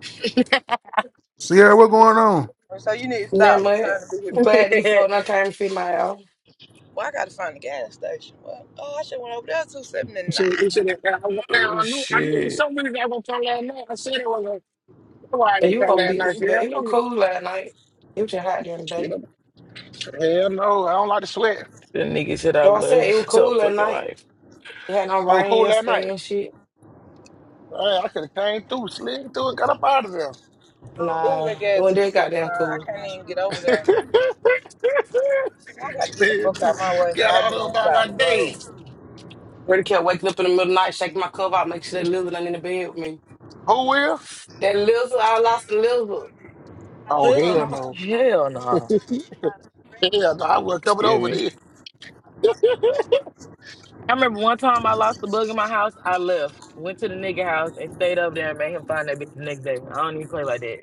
Sierra, what going on? And So you need to never. stop mind. trying to be his <laughs> friend. Glad he fought and I came to feed my out. Well, I gotta find the gas station. Well, oh, I should went over there two seventy see, you see nine. that now, now oh I knew I knew there was shit. so many guys gonna come last night. I said it was a that's why I But didn't you come gonna last beat me, night. but Hell it was no, cool last night. It was just hot during the you day. know, hell no, I don't like to sweat. The nigga said I So I said it was love so cool at fucking night. life. It had no I was rain cool last yesterday night. and shit. Hey, I could have came through, slid through, and got up out of there. Nah, Ooh, Well, that it gas wasn't two that sixty goddamn nine. I cool. can't even get over <laughs> there. I gotta get the slid fuck through, out my way, so got I out be of on the by my side of the day. road. Really kept waking up in the middle of the night, shaking my cover out, make sure that lizard ain't in the bed with me. Who will? That lizard, I lost the lizard. Oh hell Hell, no, hell nah. hell no, I would have covered Excuse over me. there. I remember one time I lost the bug in my house. I left, went to the nigga house, and stayed up there and made him find that bitch the next day. I don't even play like that.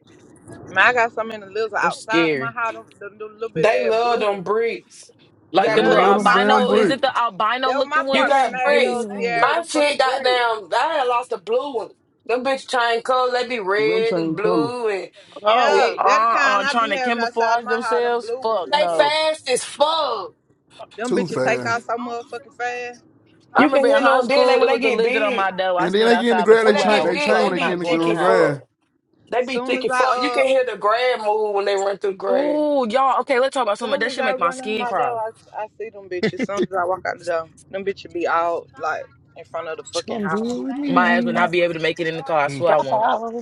Man, I got some in the littles That's outside of my scary. house. The, the, the little bit of They that love blue them one. bricks. You Like Yeah, got they them Yeah, little that love was them bricks. my damn albino. Is apartment. bricks. it the albino That was my looking You ones? apartment got made bricks. of Ooh. Sierra year My was them shit fucking fucking bricks. terrible. goddamn, I had lost the blue one. Them bitch chain colors. they be They Year red and change before was color blue fucking and terrible. Oh, Yeah, uh, shit. that Always the terrible. uh, kind I trying be to having outside of camouflage my house. Them had themselves. our blue ones Fuck and They shit. no. fast as since I started. fuck. Them too bitches take fast. out so Only year motherfucking we had fast. them, I You everybody can remember had to hear in go. high them then they, school, when it they was a get lizard They on big. my thought door. I And then stood they get in the outside for grab, When they two they change, get they hours big, because I change when they was they get be in not the going thick in the um, as house. fuck. grab. They be Soon thick as as I fuck. You uh, can hear the grab move when they run through grab. Ooh, y'all. Okay, let's talk about something. soon That as shit I make my run out skin my door, crawl. I, I see them bitches. Soon as I walk out the door, them bitches it be was out like sunlight in front of the time She fucking gonna do to go house. it with last My ass would me. not be able to make it in the car. I swear I pop won't. out.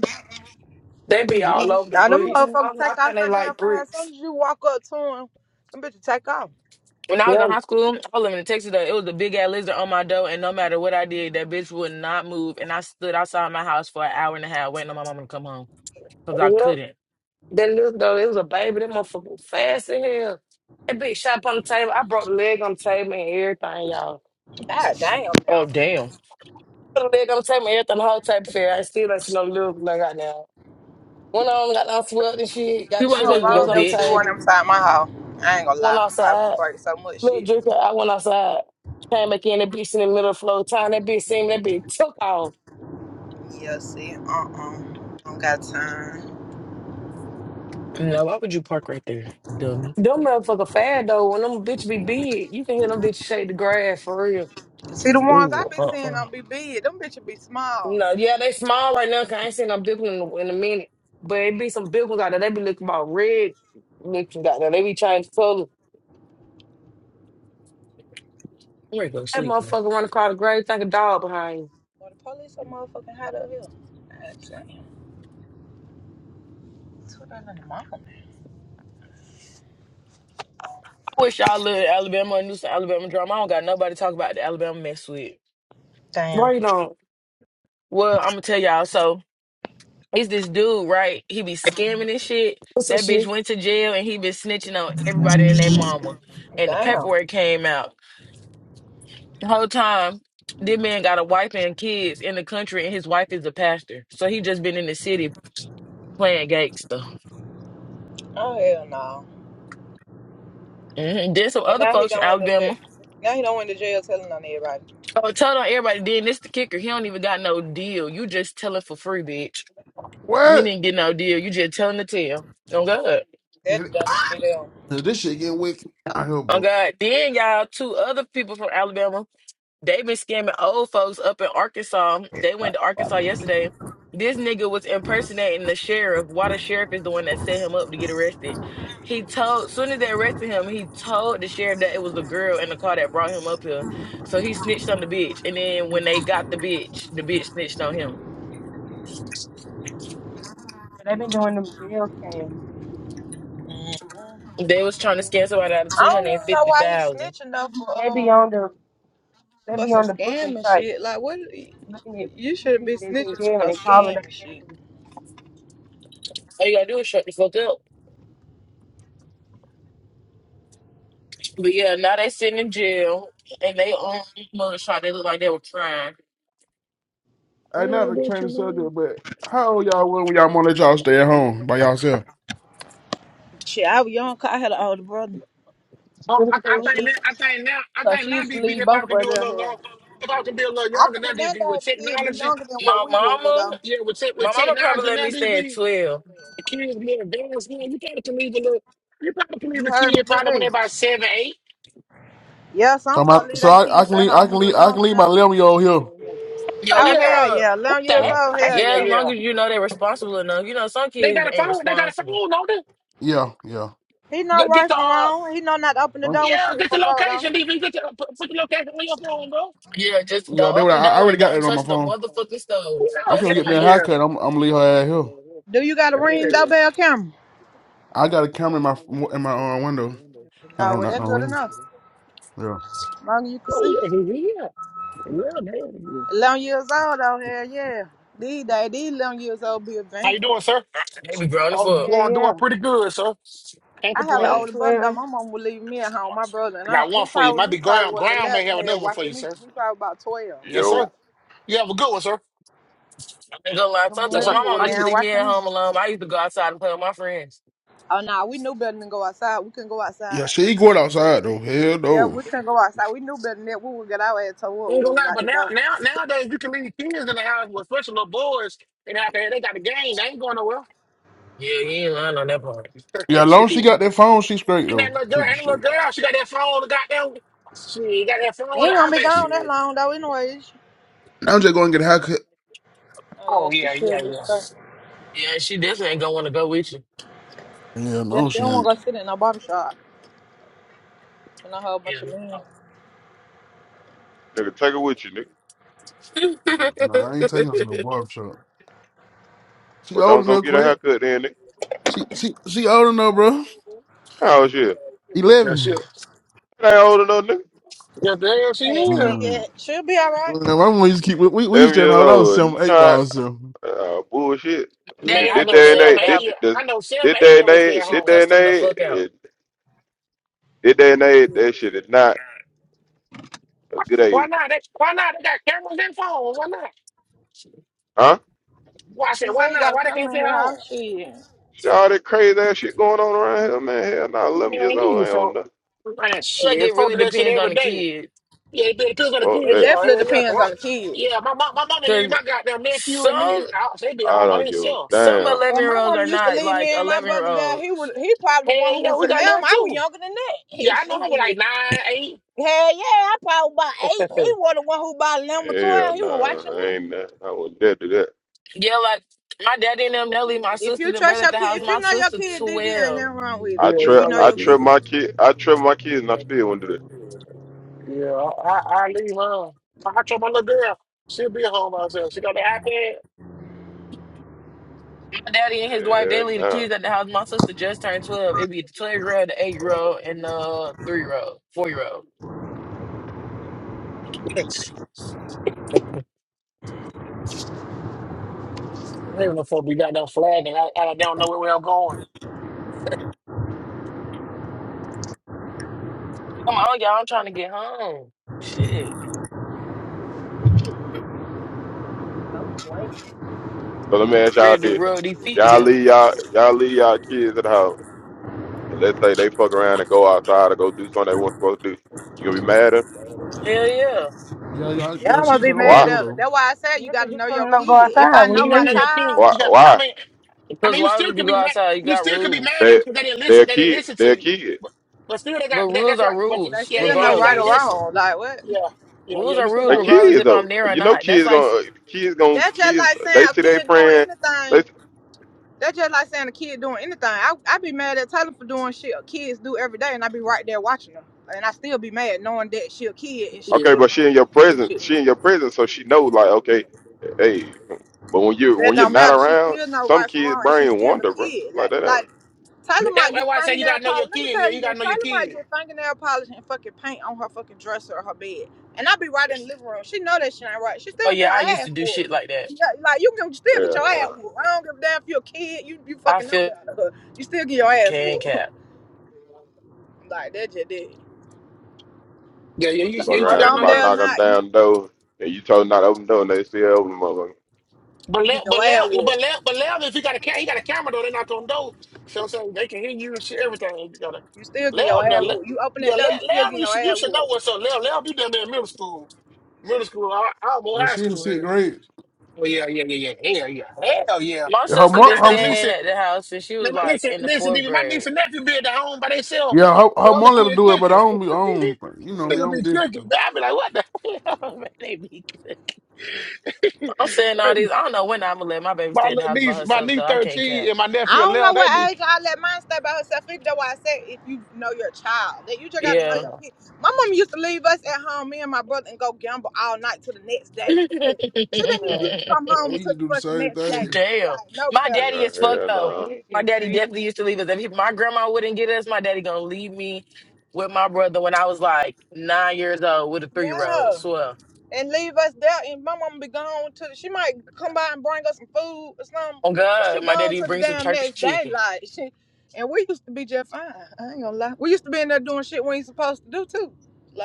They be all Yeah. over the Now them bricks. Yeah, motherfuckers I, I take out think so they damn like fast. bricks. Soon as you walk up to them, them bitches take off. When I was Yeah, in high school, I was living in Texas. Though, it was a big ass lizard on my door, and no matter what I did, that bitch would not move. And I stood outside my house for an hour and a half waiting on my mama to come home because I yeah. couldn't. That little though, it was a baby. That motherfucker was fast as hell. That bitch shot up on the table. I broke the leg on the table and everything, y'all. God damn Oh now. damn! Put the leg on the table and everything, the whole table fell. I still don't see no little nigga right now. Went on, got down swept and shit, got the You weren't I shit hope that supposed to I that was go, don't on the never see bitch. one table. inside my house. I ain't gonna Went lie, I'm probably gonna outside. break so much Little shit. drinker, I went outside. Came back in, that bitch in the middle of the floor. Time that bitch seen me, that bitch took off. Yeah, see, uh uh, don't got time. No, why would you park right there, dummy? Them motherfucker fad though. When them bitch be big, you can hear them bitch shake the grass for real. See the ones I Ooh, been uh-uh. seeing on I'm BB, them bitches be small. No, yeah, they small right now. Cause I ain't seen no big one in a, in a minute. But it be some big ones out there. They be looking about red looking out there. They be changing color. ready to go That sleep. Man, motherfucker run across the grave, think a dog behind you. Or the police are motherfucking hot up here. God damn. Two dollars in the mall. I wish y'all lived in Alabama and knew some Alabama drama. I don't got nobody to talk about the Alabama mess with. Damn. Why you don't? Well, I'm gonna tell y'all. so. It's this dude, right? He be scamming and shit. What's up, That bitch Shmi? went to jail and he been snitching on everybody and their mama. And the Damn. paperwork came out. The whole time, this man got a wife and kids in the country and his wife is a pastor. So he just been in the city playing gangster. Oh hell no. Mm-hmm. Then some And other now he folks from don't went to jail. Alabama. Now he don't went to jail telling on everybody. Oh, told on everybody then this the kicker. He don't even got no deal. You just telling for free, bitch. You What? didn't get no deal. You just telling the tale. Oh God. That Yeah, the dumbest shit ever. this shit getting wicked out here, Oh bro. God. Then y'all two other people from Alabama. They been scamming old folks up in Arkansas. They went to Arkansas yesterday. This nigga was impersonating the sheriff. Why the sheriff is the one that set him up to get arrested? He told soon as they arrested him, he told the sheriff that it was the girl in the car that brought him up here. So he snitched on the bitch. And then when they got the bitch, the bitch snitched on him. They've been doing them jail scams. Mm. They was They trying to be on scam somebody out of two I don't hundred and even know fifty why he thousand. snitching though for they be uh on the they for be some on the booking scam and sites shit. Like what? looking at You shouldn't be people that's in snitching for jail no and calling their scam and shit. family. All you gotta do is shut the fuck up. But yeah, now they sitting in jail and they on mugshot. They look like they were crying. I not to what you change the mean? subject, but how old y'all were when y'all want to let y'all stay at <laughs> home by y'allself? Shit, I was young. 'cause I had an older brother. It's Oh, I, I So beautiful. think she, now, I think now, I so think she now used B to B they leave both probably can do a brothers little here. long. They probably can be a little I younger now think B none of B the with kid be technology. younger than what My we were mama though. Yeah, with tech, with My mama probably technology let now me B stay at B 12. The kids more advanced now. You probably can leave a little. You probably can You leave a heard me, kid probably when DB. they're about seven, eight. Yeah, some So my, folk leave so their I, I kids can at leave, I home a can little leave, I can younger leave my now. eleven year old here. Oh Yo, Oh let yeah, me hell rub. yeah, what eleven the years Yeah, old, heck? hell Oh Yeah, as yeah. long yeah. as you know they're responsible enough. You know, some They kids got a ain't phone. They got a responsible. phone. No, yeah, yeah. He know Get, get right the from uh, wrong. He know not to open the I'm, door and yeah, shit get the for folk though. location, DV. Get the, uh, put, put the location on your phone, bro. Yeah, just yeah, they don't were. open the I, I door already and got don't that on my touch the phone. motherfucking stove. Yeah, I'm That's yeah, gonna the get me a one. yeah. haircut. I'm, I'm gonna leave her Yeah. ass here. Do you got a ring doorbell camera? I got a camera in my in my uh, window. I Oh don't well, not no that's good ring. enough. Yeah. Long as you can Oh see. yeah, he here. Yeah, man. Eleven years old, oh hell yeah. These days, these eleven years old be How you advanced. doing, sir? They be grown as Oh, fuck. Yeah, going yeah. doing pretty good, sir. Can't I had Let an them complain. older brother though. swear. My mom would leave me at home. My brother and I I, got he one for you. probably Might he be probably ground. was Ground may eleven. have Hell, another one for you, watching me. sir. He probably about twelve. Yes, <laughs> sir. Yo, You have a good one, sir. I ain't gonna lie. Good Sometimes, Yes, when sir. He my morning. was mama Thank used to down leave me at watching me. home alone, I used to go outside and play with my friends. Oh nah, we knew better than go outside. We couldn't go outside. Yeah, she going you. outside though. Hell Yeah, no. we couldn't go outside. We knew better than that. We would get our ass told what we ain't gonna was lie, out but the now, door. now, nowadays you can leave kids in the house with special little boys, and out there they got the game. They ain't going nowhere. Yeah, you ain't lying on that part. <laughs> Yeah, as long Shit. as she got that phone, she's great and that little girl, and that though. little girl, she got that phone. The goddamn, she got that They phone. and ain't I gonna be bet she. gone that long though, anyways. Now just go get a haircut. Oh Oh yeah, she yeah, yeah, should be yeah. straight. Yeah, and she definitely ain't gonna want to go with you. Yeah, Yeah, no, she she don't ain't. wanna go sit in no barber shop and a whole Yeah, bunch of men. no. nigga, take it with you, nigga. <laughs> Nah, I ain't taking her to no barber shop. She Or old don't go enough, get a Quint. haircut then, nigga. She she she old enough, bro. Oh shit. Yeah, Eleven. she. I ain't old enough, nigga. Yeah, damn she Hey, is. she Mm. yeah, she'll be all Man, right. my mom used to keep. We, we we used Eleven to years know when I was old. seven, eight Not miles. So. uh, bullshit. And Man, Daddy I had This me know day and staying Selma at age, the eight this, house. year. this, I know Selma this eight day year and olds stay age, at She this home. day cussed and him the age, fuck out. it- this day and age, that shit is not a Why, good why age. not? They, why not? They got cameras and phones. Why not? Huh? Why I said She why said he not? got a Why they can't camera stay in her at house. home? She Shit, all that crazy ass shit going on around here, man. Hell nah, eleven Man, years old these ain't old folk. enough. Man, Like, shit, it folk really do that shit depends on every the day. kid. Yeah, it, it took her to Fuck kill. it Yeah, that. yeah, definitely yeah. 'cause depends I- on the kid. Yeah, my, my, my mama knew Cause my goddamn nephew and me. some I, they be I home by don't give a themselves. some damn. eleven Well, year my olds mom are used to not leave like me and my eleven year brother down. He was olds. he probably the one Hey, who yeah, was we a lamb. got little I was too. younger than Yeah, that. <laughs> I know I was she like nine, eight. Hell yeah, I probably about eight. <laughs> yeah, He was the one who bought a lemon Hell twelve. He was watching nah, I me. ain't that. I wouldn't dare do that. Yeah, like my daddy and them, they leave my If you sisters and trust brother at your the kid, house. if My you know your sister kid, DV ain't twelve. nothing wrong with you it. I If trip, you know know what I your it trip is. kid, my kid, I trip my kids, and I still wouldn't do that. Yeah, I, I, I leave her. I I told my little girl, she'll be home by herself. She got the iPad. My daddy and his wife, they Yeah, leave the nah. kids at the house. My sister just turned twelve. It'd be the twelve year old, the eight year old, and the three year old, four year old. Yes. I don't even know if we got that flag and I, I don't know where where I'm Come on, y'all, I'm trying to get home. Shit. Oh, wait. So let me ask y'all Ready to this: rub these If feet y'all together. leave y'all, if y'all leave y'all going. kids at the house, and let's say they fuck around and go outside or go do something they weren't supposed to do, you gonna be mad at them? Hell yeah. Yeah, yeah, yeah, yeah. I'm gonna She be from only mad Why? though at them. though. That's why I said you Yeah, 'cause gotta you know your telling them to go kid. If outside I when know He got my you another thing. child, Why? You got, I then Why? mean, I Because mean, you why still would you could be go mad. outside? You You got still could be mad at rules. them They because they didn't they're listen. They didn't kid. listen to They're you. kid. But, but still, they got. But That, rules that's why. are But they rules, yeah, yeah, still yeah. know You right gotta or regardless. listen. wrong. Like what? Yeah, yeah, Rules yeah. You are still rules, They gotta listen. regardless kids if I'm though. there or You know, not. That's kids like gonna kids gonna That's just kids. like saying They a see their kid doing friend. They anything. That's just like saying a kid doing anything. I I be mad at Taylor for doing shit kids do every day, and I be right there watching them, and I still be mad knowing that she a kid and she okay, still Yeah. but going. she in your to do presence. Shit. She in your presence, so she knows like okay, hey. But when you That when you're don't not matter. She around, still know some right from kids' wrong, and she brain still a wander, bro. kid. Like Like, they like don't. Tyler That, might that's get why I say you fingernail gotta know your polish. Let me kid. Yeah, tell you you gotta this. know your Tyler might kid. get fingernail polish and fucking paint on her fucking dresser or her bed. And I'll be right in the living room. She know that shit ain't right. She Oh still get yeah, her I used to ass do shit whooped. like that. Yeah, like you can still get Yeah. your nah. ass whooped. I don't give a damn if you're a kid. You you I fucking know feel better. <laughs> You still get your ass can whooped. <laughs> cap. Like that just did. Yeah, yeah. You, Whether, you, Fuck you whether around, gotta know I'm somebody your. there or knock on not, you, down the door, and you told them not to open the door, and they still open the motherfucker. But you let, get but your let, ass but whooped. let, but let, if he got a camera, he got a camera though. They knock on doors. So I'm saying they can hear you and shit. Everything you gotta You still get let your Now, ass Yeah. let, whooped. You open yeah, that let, door, you still let 'em, get You your should, you ass should know whooped. what's up. Let, let 'em, you done been in middle school, middle school, al- almost Well, high she in school sixth here. grade. Well, yeah, yeah, yeah, yeah, hell yeah, hell yeah. My Yeah, Her My sister been mom, goddamn her, niece, staying and- at the house since she man, was my, like listen, in the listen, fourth nigga, my niece grade. and nephew be at the home by themselves yeah, her, with her the other mom let her kid do it, but I cooking. don't be <laughs> on. You know me, Nigga I'm be different. cooking. though. Man, I be like, what the hell, <laughs> man? They be cooking. I'm saying all <laughs> these. I don't know when I'm gonna let my baby My stay at the little house by niece, my herself niece though. I can't cap. thirteen, and my I nephew don't know eleven. They what be age I let mine stay by herself. Either though I said if you know your child, that you just gotta know Yeah. your yeah, kids. My mom used to leave us at home, me and my brother, and go gamble all night till the next <laughs> day. Damn. <laughs> She didn't Yeah, even used leave. to come yeah, home we until used to do the the fucking same next day. thing. Like no My cap, daddy is Yeah, fucked hell though. nah. Legs My and daddy creek, definitely used to leave us. If he, my grandma wouldn't get us, my daddy gonna leave me with my brother when I was like nine years old with a three year old. yeah, Swear. and leave us there. And my mom be gone to. The, she might come by and bring us some food or something, Oh but she God, my gone daddy to the brings some damn church next day. chicken. Like she, and we used to be just fine. I ain't gonna lie. We used to be in there doing shit we ain't supposed to do too.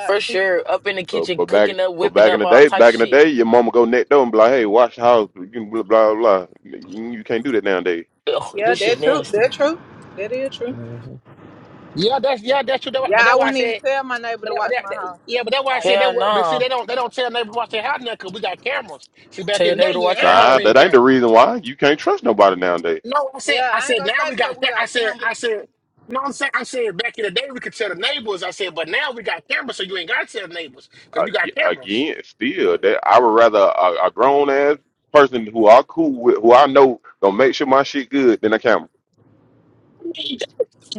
For sure, up in the But, kitchen, but back, cooking up, but whipping back up in the all day, type back in the shit. day, your mama go next door and be like, "Hey, watch the house." You can blah blah blah. You, you can't do that nowadays. Ugh, Yeah, this shit that's true. nasty. That's true. That is true. Mhm. yeah. That's yeah, that's true. That why- Yeah, But I that's why I wouldn't even said. tell my neighbor But, to that, but watch that, my that- house. yeah, but that's why I Like, said yeah. that. Hell what- But see, no. they don't they don't tell neighbors watch their house now because we got cameras. See, back Tell in your the day, neighbor to you ain't watch your had no Nah, house. ring that ain't the camera. reason why you can't trust nobody nowadays. No, I said Yeah, I I ain't said gonna now say we 'cause got. we ca- I got said cameras. I said. No, I'm saying I said back in the day we could tell the neighbors. I said, but now we got cameras, so you ain't gotta tell the neighbors because you got Ag- cameras. Again, still, that I would rather a, a grown ass person who I cool with, who I know gonna make sure my shit good than a camera. I mean,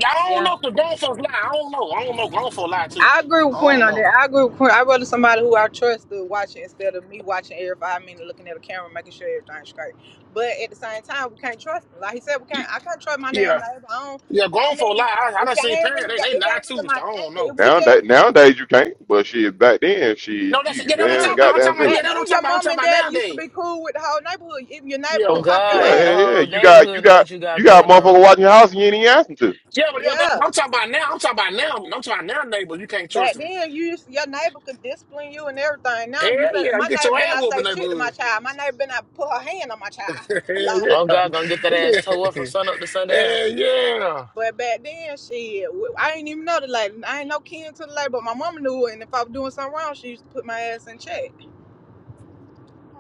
I don't Yeah, know if the grown folks lie. I don't know. I don't know grown folks lie too. I agree I with Quinn don't on know. that. I agree with Quinn. I'd rather somebody who I trust to watch it instead of me watching every five minutes, looking at a camera, making sure everything's straight. But at the same time, we can't trust. Them. Like he said, we can't. Y- I can't trust my damn Yeah. neighbor. I don't. Yeah, I grown folk mean, lie. I, I if done y'all seen ain't parents. really, They, y'all- they it lie ain't really too. So my I don't family. If know. we Now just, that nowadays you can't, but shit back then, No, shit that's you yeah. That what I'm man, yeah, talking it's about. you I'm goddamn talking village. about yeah. back That then, what I'm talking your about. I'm mom and talking about dad used to nowadays. be cool with the whole neighborhood. Even your neighbor Yeah. Oh can pop your Yeah, God, the yeah, ass. yeah. whole You got you neighborhood know got what you got you got a going motherfucker on. watching your house and you ain't even asking to. Yeah, but yeah, that- Yeah. I'm talking about now. I'm talking about now. I'm talking about now, neighbors. You can't trust Back them. then, you used, your neighbor could discipline you and everything. Hell Now you better. yeah, you My get neighbor your better ass not whooped, in say shit to my neighborhood. child. My neighbor better not put her hand on my <laughs> child. <laughs> Hell like, Oh God, gonna get that ass tore up yeah. from sun up to <laughs> sundown. Hell yeah. but back then, shit, w- I ain't even know the lady. I ain't no kin to the lady, but my mama knew. it. And if I was doing something wrong, she used to put my ass in check.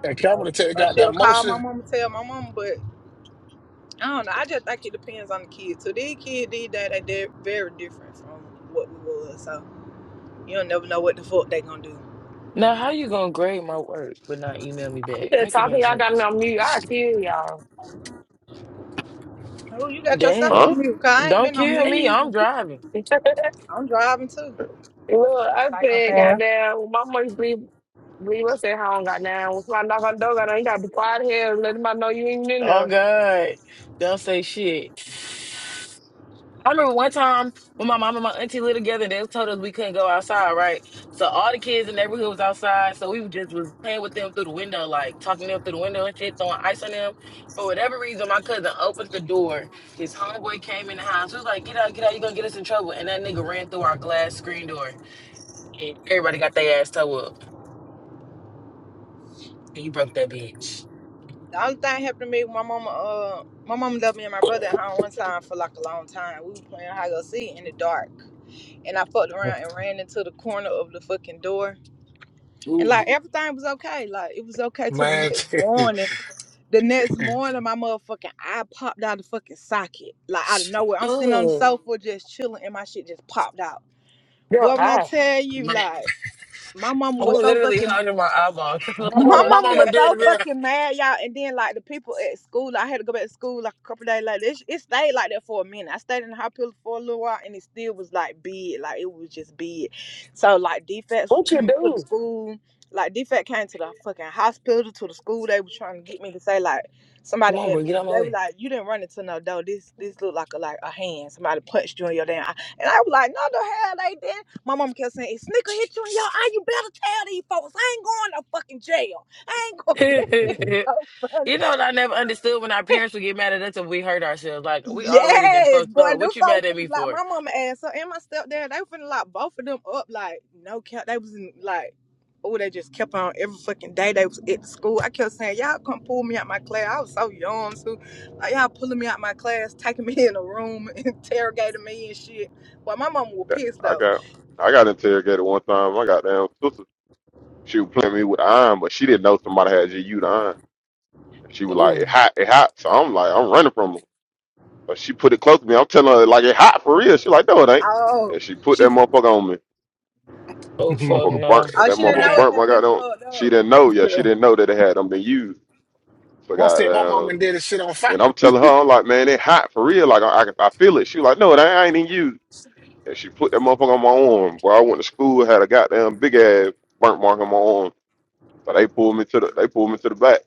And Or Cameron tell you or got that she'll call my motion, mama, tell my mama. But I don't know. I just think it depends on the kid. So these kids these days, they they're very different from what we was. So you don't never know what the fuck they gonna do. Now, how you gonna grade my work but not email me I'm back? just Make it talking. make Y'all got me sense. on mute. I kill y'all. Oh, you got yourself Damn, Huh? on mute. Cause I ain't don't been on kill mute. me. I'm <laughs> driving. I'm driving too. Look, I said, psychopath. goddamn, when my mama used to leave, leave us at home, goddamn. When somebody knock on the door, goddamn, you gotta be quiet here and let them know you ain't in there. Oh God, don't say shit. I remember one time when my mom and my auntie lived together, they told us we couldn't go outside, right? So all the kids in the neighborhood was outside, so we just was playing with them through the window, like talking to them through the window and shit, throwing ice on them. For whatever reason, my cousin opened the door. His homeboy came in the house. He was like, "Get out, get out! You're gonna get us in trouble!" And that nigga ran through our glass screen door. And everybody got their ass toe up. And you broke that bitch. The only thing happened to me, my mama, uh, my mama left me and my brother at home one time for like a long time. We were playing hide go seek in the dark, and I fucked around and ran into the corner of the fucking door, and Ooh, like everything was okay. Like it was okay till the man. next morning. The next morning, my motherfucking eye popped out of the fucking socket, like out of nowhere. I'm sitting on the ooh! sofa just chilling, and my shit just popped out. Yo, Boy, when I I, tell <laughs> you, man, like my mama my I'm was so literally fucking hiding my eyeball. <laughs> what my the My mama, fuck? my mama mama and was <laughs> daddy so fucking mad, y'all. And then like the people at school, I had to go back to school like a couple days later. It, it stayed like that for a minute. I stayed in the hospital for a little while, and it still was like big, like it was just big. So like defects was what you coming to the do? school. Like defect came to the fucking hospital to the school. They was trying to get me to say like Come somebody on, bro, had get beat out me. They were my like, you didn't run into no door. This this looked like a like a hand. Somebody punched you in your damn. Eye. And I was like, no, the hell they didn't. My mom kept saying, if Snicker hit you in your eye, you better tell these folks. I ain't going to fucking jail. I ain't going <laughs> to It was way. <laughs> so funny. You know, what I never understood when our parents would get mad at us if we hurt ourselves. Like, we already done Yes, fucked boy, up. them What you mad folks at me finna lock for? my mama ass up and my stepdad. They finna lock both of them up like no cap. They was in like, oh, they just kept on every fucking day. They was at the school. I kept saying, y'all come pull me out my class. I was so young too. Like y'all pulling me out my class, taking <laughs> me in a room, <laughs> interrogating me and shit. Well, my mama was That- pissed I though. got I got interrogated one time. My goddamn sister, she was playing me with iron, but she didn't know somebody had GU to iron. She was like, Ooh, "It hot, it hot." So I'm like, I'm running from her. But she put it close to me. I'm telling her like it hot for real. She like, no, it ain't. Oh, And she put that she, motherfucker on me. oh, fuck there. Motherfucker burnt. no. oh, That <laughs> she didn't motherfucker know man, it burnt my had been goddamn. plugged She up. didn't know. Yeah, she didn't know that it had them been used. So I said my mama and goddamn. daddy shit on fire. And <laughs> I'm telling her, I'm like, man, it hot for real. Like I, I, I feel it. She was like, no, it ain't, I ain't even used. And she put that motherfucker on my arm. Where I went to school, had a goddamn big ass burnt mark on my arm. But they pulled me to the they pulled me to the back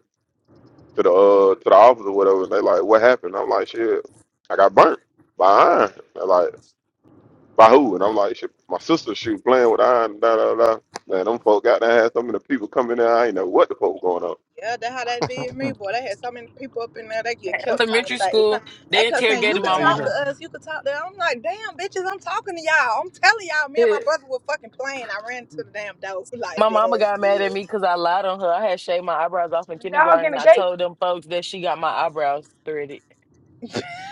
to the uh to the office or whatever. And they like, what happened? I'm like, shit, I got burnt by iron. They're like, by who? And I'm like, shit, my sister she was playing with iron. Da da da. Man, them folk got there had some of the people coming there. I ain't know what the fuck was going on. Yeah, that's how that did me, boy. They had so many people up in there. They get At kept trying to elementary say, school, they they kept saying, "You interrogated could my How you talk to mama. us. You could talk to." us." I'm like, damn, bitches, I'm talking to y'all. I'm telling y'all, me and Yeah, my brother were fucking playing. I ran to the damn door <laughs> like My that mama ass got mad did. at <laughs> me because I lied on her. I had shaved my eyebrows off Get in a dog in kindergarten. the I gate. told them folks that she got my eyebrows threaded.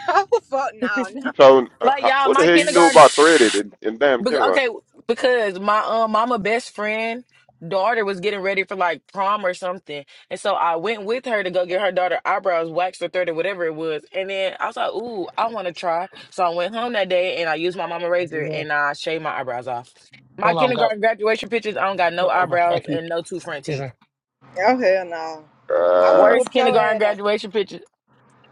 Oh fuck <laughs> no, like, You no. told uh, how- y'all, what the my hell you knew kindergarten about threaded in, in damn Be- kindergarten? okay, because my um mama best friend daughter was getting ready for like prom or something, and so I went with her to go get her daughter eyebrows waxed or threaded, whatever it was. And then I was like, "Ooh, I want to try." So I went home that day and I used my mama razor doing? and I shaved my eyebrows off. My One arm go, kindergarten graduation pictures, I don't got no go over. eyebrows Thank you. and no two front Yes, teeth. sir. Oh hell no. I would Uh, have Worst whooped your kindergarten ass up. graduation pictures.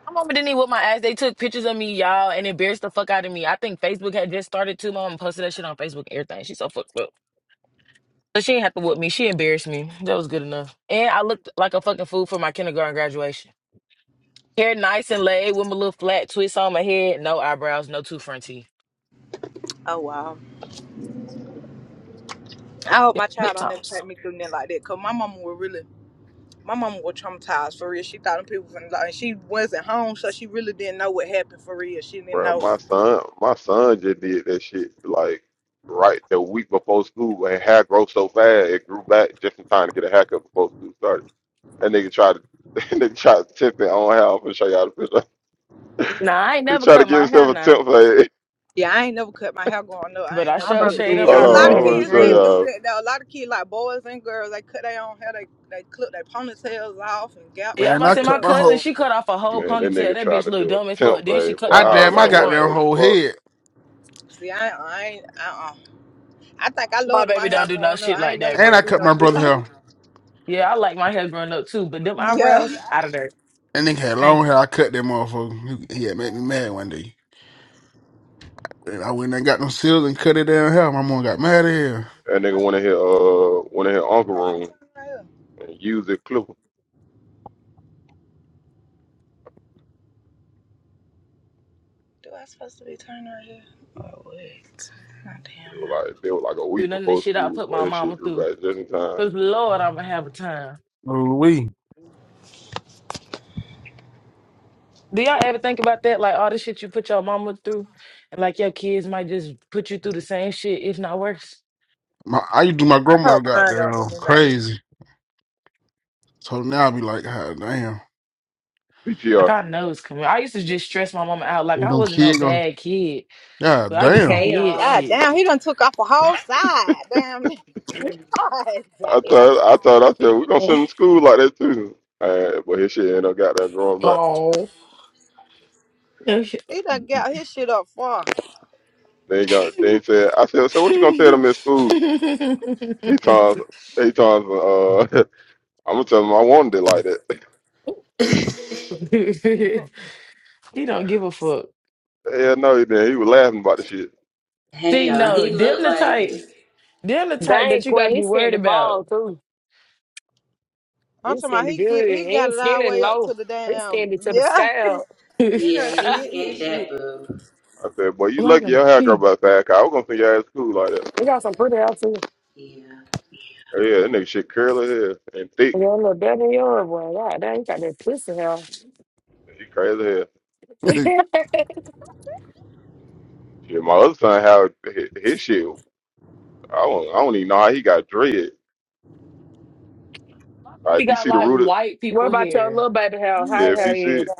My mama didn't even whip my ass. They took pictures of me, y'all, and embarrassed the fuck out of me. I think Facebook had just started too. My mama posted that shit on Facebook and everything. She's so fucked up. But she didn't have to whoop me. She embarrassed me. That was good enough. And I looked like a fucking fool for my kindergarten graduation. Hair nice and laid with my little flat twist on my head. No eyebrows, no two front teeth. Oh wow. I hope my Good child don't never tops. take me through nothing like that. Cause my mama was really my mama was traumatized for real. She thought them people was like and she wasn't home, so she really didn't know what happened for real. She didn't Bro, know my son, my son just did that shit like right the week before school, and hair grow so fast it grew back just in time to get a haircut before school started. And nigga tried to, <laughs> nigga tried to tip it on how I'm gonna show y'all the picture. Nah, I ain't <laughs> he never tried to cut give my hair himself a now. temp fade. Yeah, I ain't never cut my hair growing up. I But ain't I My never do sure that. brother shade <laughs> them did Hold It's that. a lot He on, of I'm eyebrow. had gonna kids show that dreads. do y'all. that though. A lot of kids like boys and girls, they cut their own hair, they they clip their ponytails off and gap Yeah, I'm they shit Man, about to I say my cut up. my cousin, whole. she cut off a whole Man, that ponytail. nigga That tried bitch to look do dumb a as fuck. temp Then she fade. cut the I one Wow, damn off in my like the what front. goddamn the whole fuck? head, See, I I ain't uh uh I think I My loved my baby hair don't do no growing up. shit I like ain't never that, and want I to bro. do cut no my shit <laughs> brother like hair. it. Yeah, I like my hair growing up too, but them Yeah. eyebrows out of there. That nigga had I ain't long hair. I cut that motherfucker. He, he had made me mad one day. And I went and got them seals and cut it down hell. My mom got mad at him. That nigga went Oh, in here, uh, went in here uncle do I supposed to room be turning right here? and used it clipper. Do I supposed to be turning right here? Oh wait. Not They damn were no. like, they were like a do week none of this before shit I school. put Well, my that shit mama grew through. back just in time. Cause Lord, I'ma have a time. Oh, we. Do y'all ever think about that? Like all the shit you put your mama through, and like your kids might just put you through the same shit, if not worse. My, I used to do my I grandmother hope got mine don't do down me like that. crazy. So now I be like, God damn. PTR. Like I know it's coming. I used to just stress my mama out. Like They I don't wasn't no kid going, bad kid, God but I just damn. Hey did y'all. God shit. damn, he done took off a whole side. Damn, <laughs> God I damn. thought I thought I said we're gonna <laughs> send them to school like that too. All right, but his shit ended up got there growing back. Oh man. Oh. Okay. He done got his shit up far. They got they said I said, So what you gonna tell them at school? He told he told uh <laughs> I'm gonna tell him I wanted it like that. <laughs> <laughs> he don't give a fuck. Hell no, he didn't. He was laughing about the shit. Hey See, y'all, no, he them looked the like type, it. them the type Dang, that you got to Quinn, he be sent worried the ball about. too. I'm He talking about sent it he good. get He he got ain't it all the skinning way up low. to the He damn sent it to the yeah. scale. <laughs> oh, He Yeah, done <laughs> he spit his skint that shit. boob. I said, Boy, you I lucky gotta your hair girl pee. about that I was gonna send your ass to school like that. he got some pretty hair too. Yeah. Hell yeah, that nigga shit curly hair and He thick. got a little better than yours, boy. God dang, he got that pussy hair. He crazy hair. <laughs> <laughs> Shit, my other son how his, his shit I don't I don't even know how he got dread. Like We if you got see the like root of, white what people about your here. little baby hair? How yeah, your if you hair see it, is?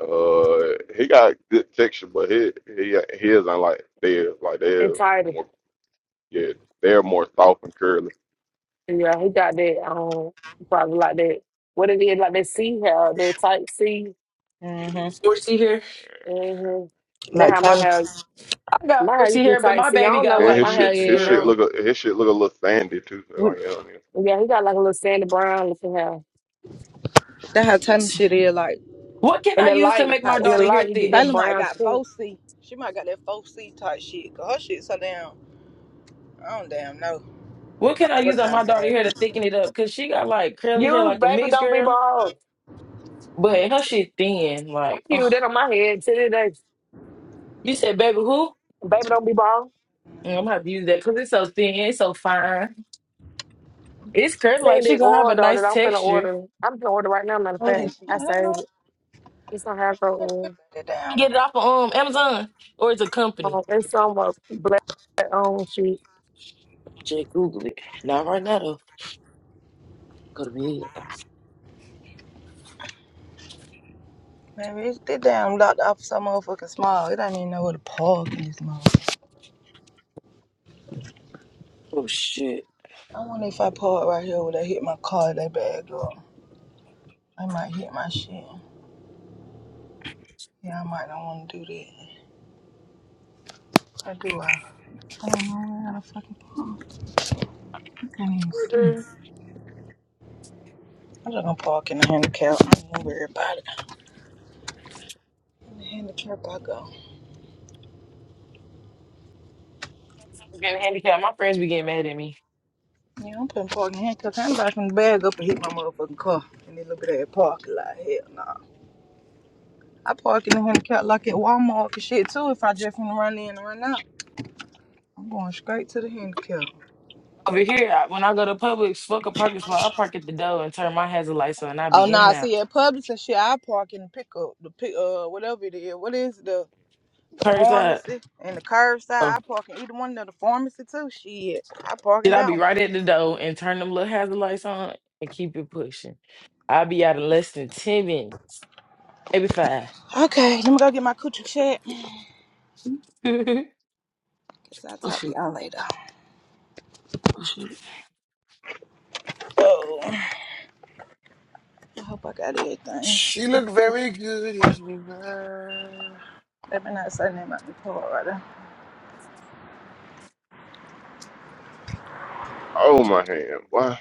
Uh, he got good texture, but he he he is unlike theirs. Like It's they're tighter. more yeah, they're more soft and curly. Yeah, he got that, um, probably like that. What it is, like that C hair, that type C. hmm Squishy hair. Mm-hmm. That Like how my Taylor, hair, I got my hair squishy used to be hair, but tight my C. I baby don't got know And what like his my hair shit mixed his is now. shit girl. look a his shit look a little sandy too. So what- like you know Yeah, he got like a little sandy brown looking hair. that how Taylor shit is like What can In I the use to light, make my type in the daughter C. light, hair you get thick? that Taylor might brown got tint. four C. She might got that four C type shit. Cause her shit so damn. I don't damn know. What I don't know can I what use on kind my of daughter hat. hair to thicken it up? Cause she got like curly hair You, like a baby, mixed don't be girl, bald. but her shit thin. I Like, keep oh, that on my head to this day. you said, baby, who? Baby, don't be bald. Mm, I'm gonna have to use that because it's so thin, it's so fine. It's curly, like Saying she that gonna have oil a though nice that I'm finna texture. order. I'm finna order right now. Matter of Oh, I fact, did ain't- she? I I don't know. saved it. It's on hair growth oil. That I can damn, get it off of um Amazon or it's a Um, company. and some uh, black on sheet. Just Google it. Not right now though. Go to bed. baby, it's, that damn locked off so motherfucking small. It don't even know where the park is, Oh shit. I wonder if I park right here, would I hit my car? That bag up. I might hit my shit. Yeah, I might not want to do that. I do. I, I don't know where to fucking park. I can't even see. I'm Twitter. just gonna park in the handicap. I ain't gonna worry about it. In the handicap, I go. I'm getting handicapped. My friends be getting mad at me. Yeah, I'm putting park in the handicap. Handicap from the bag up and hit my motherfucking car. And they look at that parking lot. Hell nah. I park in the handicap like at Walmart and shit too. If I just wanna run in and run out, I'm going straight to the handicap. Over here, I, when I go to Publix, fuck a parking spot. I park at the door and turn my hazard lights on. and I Oh be no, in and nah, out. see at Publix and shit, I park in the pickup, the pick, uh, whatever it is. What is it, the Curse out. pharmacy and the curbside? Oh, I park in either one of the pharmacy too. Shit, I park shit, in I that be one. right at the door and turn them little hazard lights on and keep it pushing. I be out in less than 10 minutes. Maybe five. Okay, let me go get my coochie check. <laughs> oh, Guess I'll talk to shit. y'all later. Oh, I hope I got everything. She look very good as well. Let me not say name out the car right Oh my hand, why?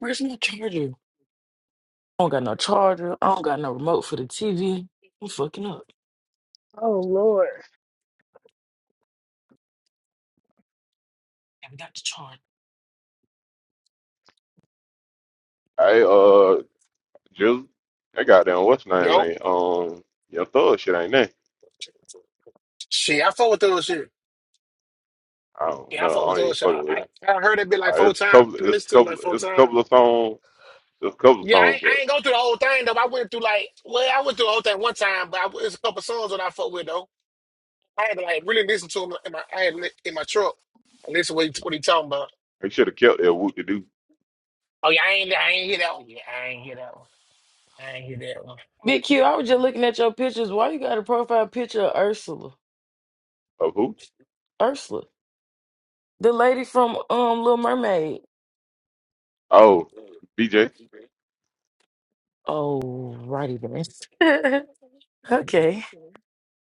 Where's my charger? I don't got no charger. I don't got no remote for the TV. I'm fucking up. Oh, Lord. Darn. I uh just that goddamn what's his name Yo, man? Um, your thug shit ain't that? she, I fuck with those shit. I don't Yeah, know. I fuck I with ain't those even shit. fucking with it. I, I, I heard that bit like Like, four it's a times. couple. I It's a listened to it couple. like four It's a couple times. of songs. It's a couple of Yeah, I, songs, ain't- I but ain't go through the whole thing though. I went through like, well, I went through the whole thing one time, but I, it's a couple songs that I fuck with though. I had to like really listen to them in my, I had li- in my truck. I listened to what he, what he talking about. he should have kept that. Whoop to do Oh yeah, I ain't, I ain't hear that one. Yeah, I ain't hear that one. I ain't hear that one. Big Q, I was just looking at your pictures. Why you got a profile picture of Ursula? of who? Ursula. The lady from um Little Mermaid. Oh, BJ. Oh, righty then. <laughs> okay.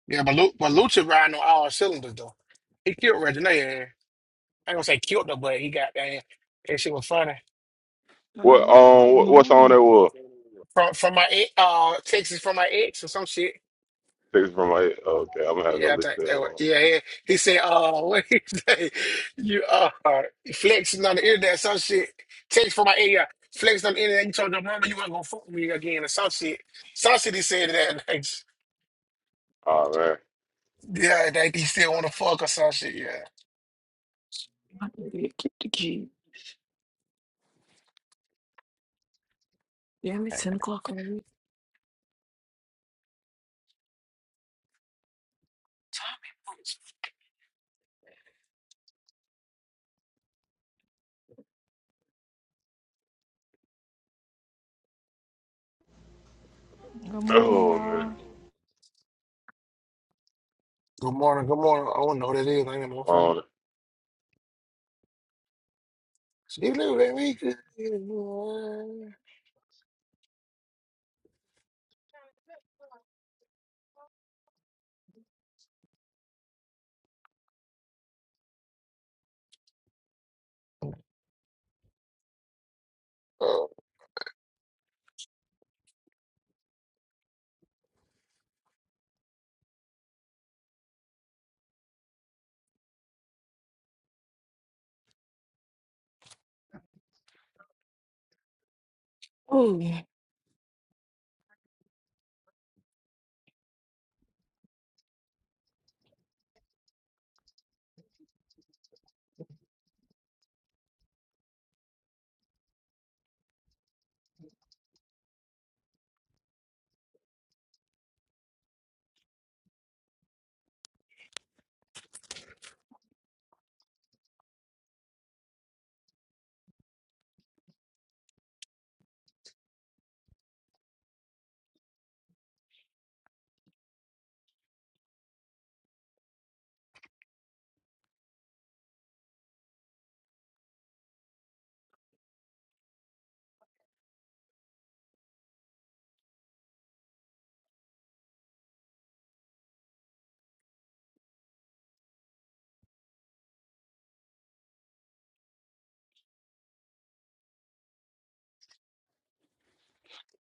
Yeah, but Lu- but Lucha riding on all cylinders though. He killed Regina. I ain't gonna say killed her, but he got that. That shit was funny. Uh, What where? Oh um what, what no, song that was? From from my ex, uh Texas from my ex or some shit. Takes from my okay, I'm gonna have to Yeah, I look think that that was, one. yeah, yeah. He said, uh <laughs> what he say? You uh, uh flexing on the internet, some shit. Text from my ex, yeah. Flexing on the internet, you told your mama you weren't gonna fuck with me again or some shit. Some shit he said that <laughs> like, Oh man. <clears throat> yeah, that he still wanna fuck or some shit, yeah. I need to get the key. Damn, it's ten o'clock already. Good morning, Oh y'all. man. Good morning, good morning. I don't know what it is, I ain't got no phone. Um, She looked at me. 'Cause- Oh, man,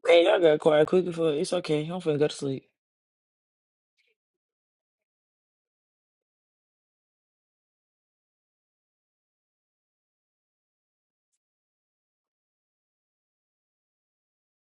y'all got quiet quick before it's okay. I'm finna go to sleep.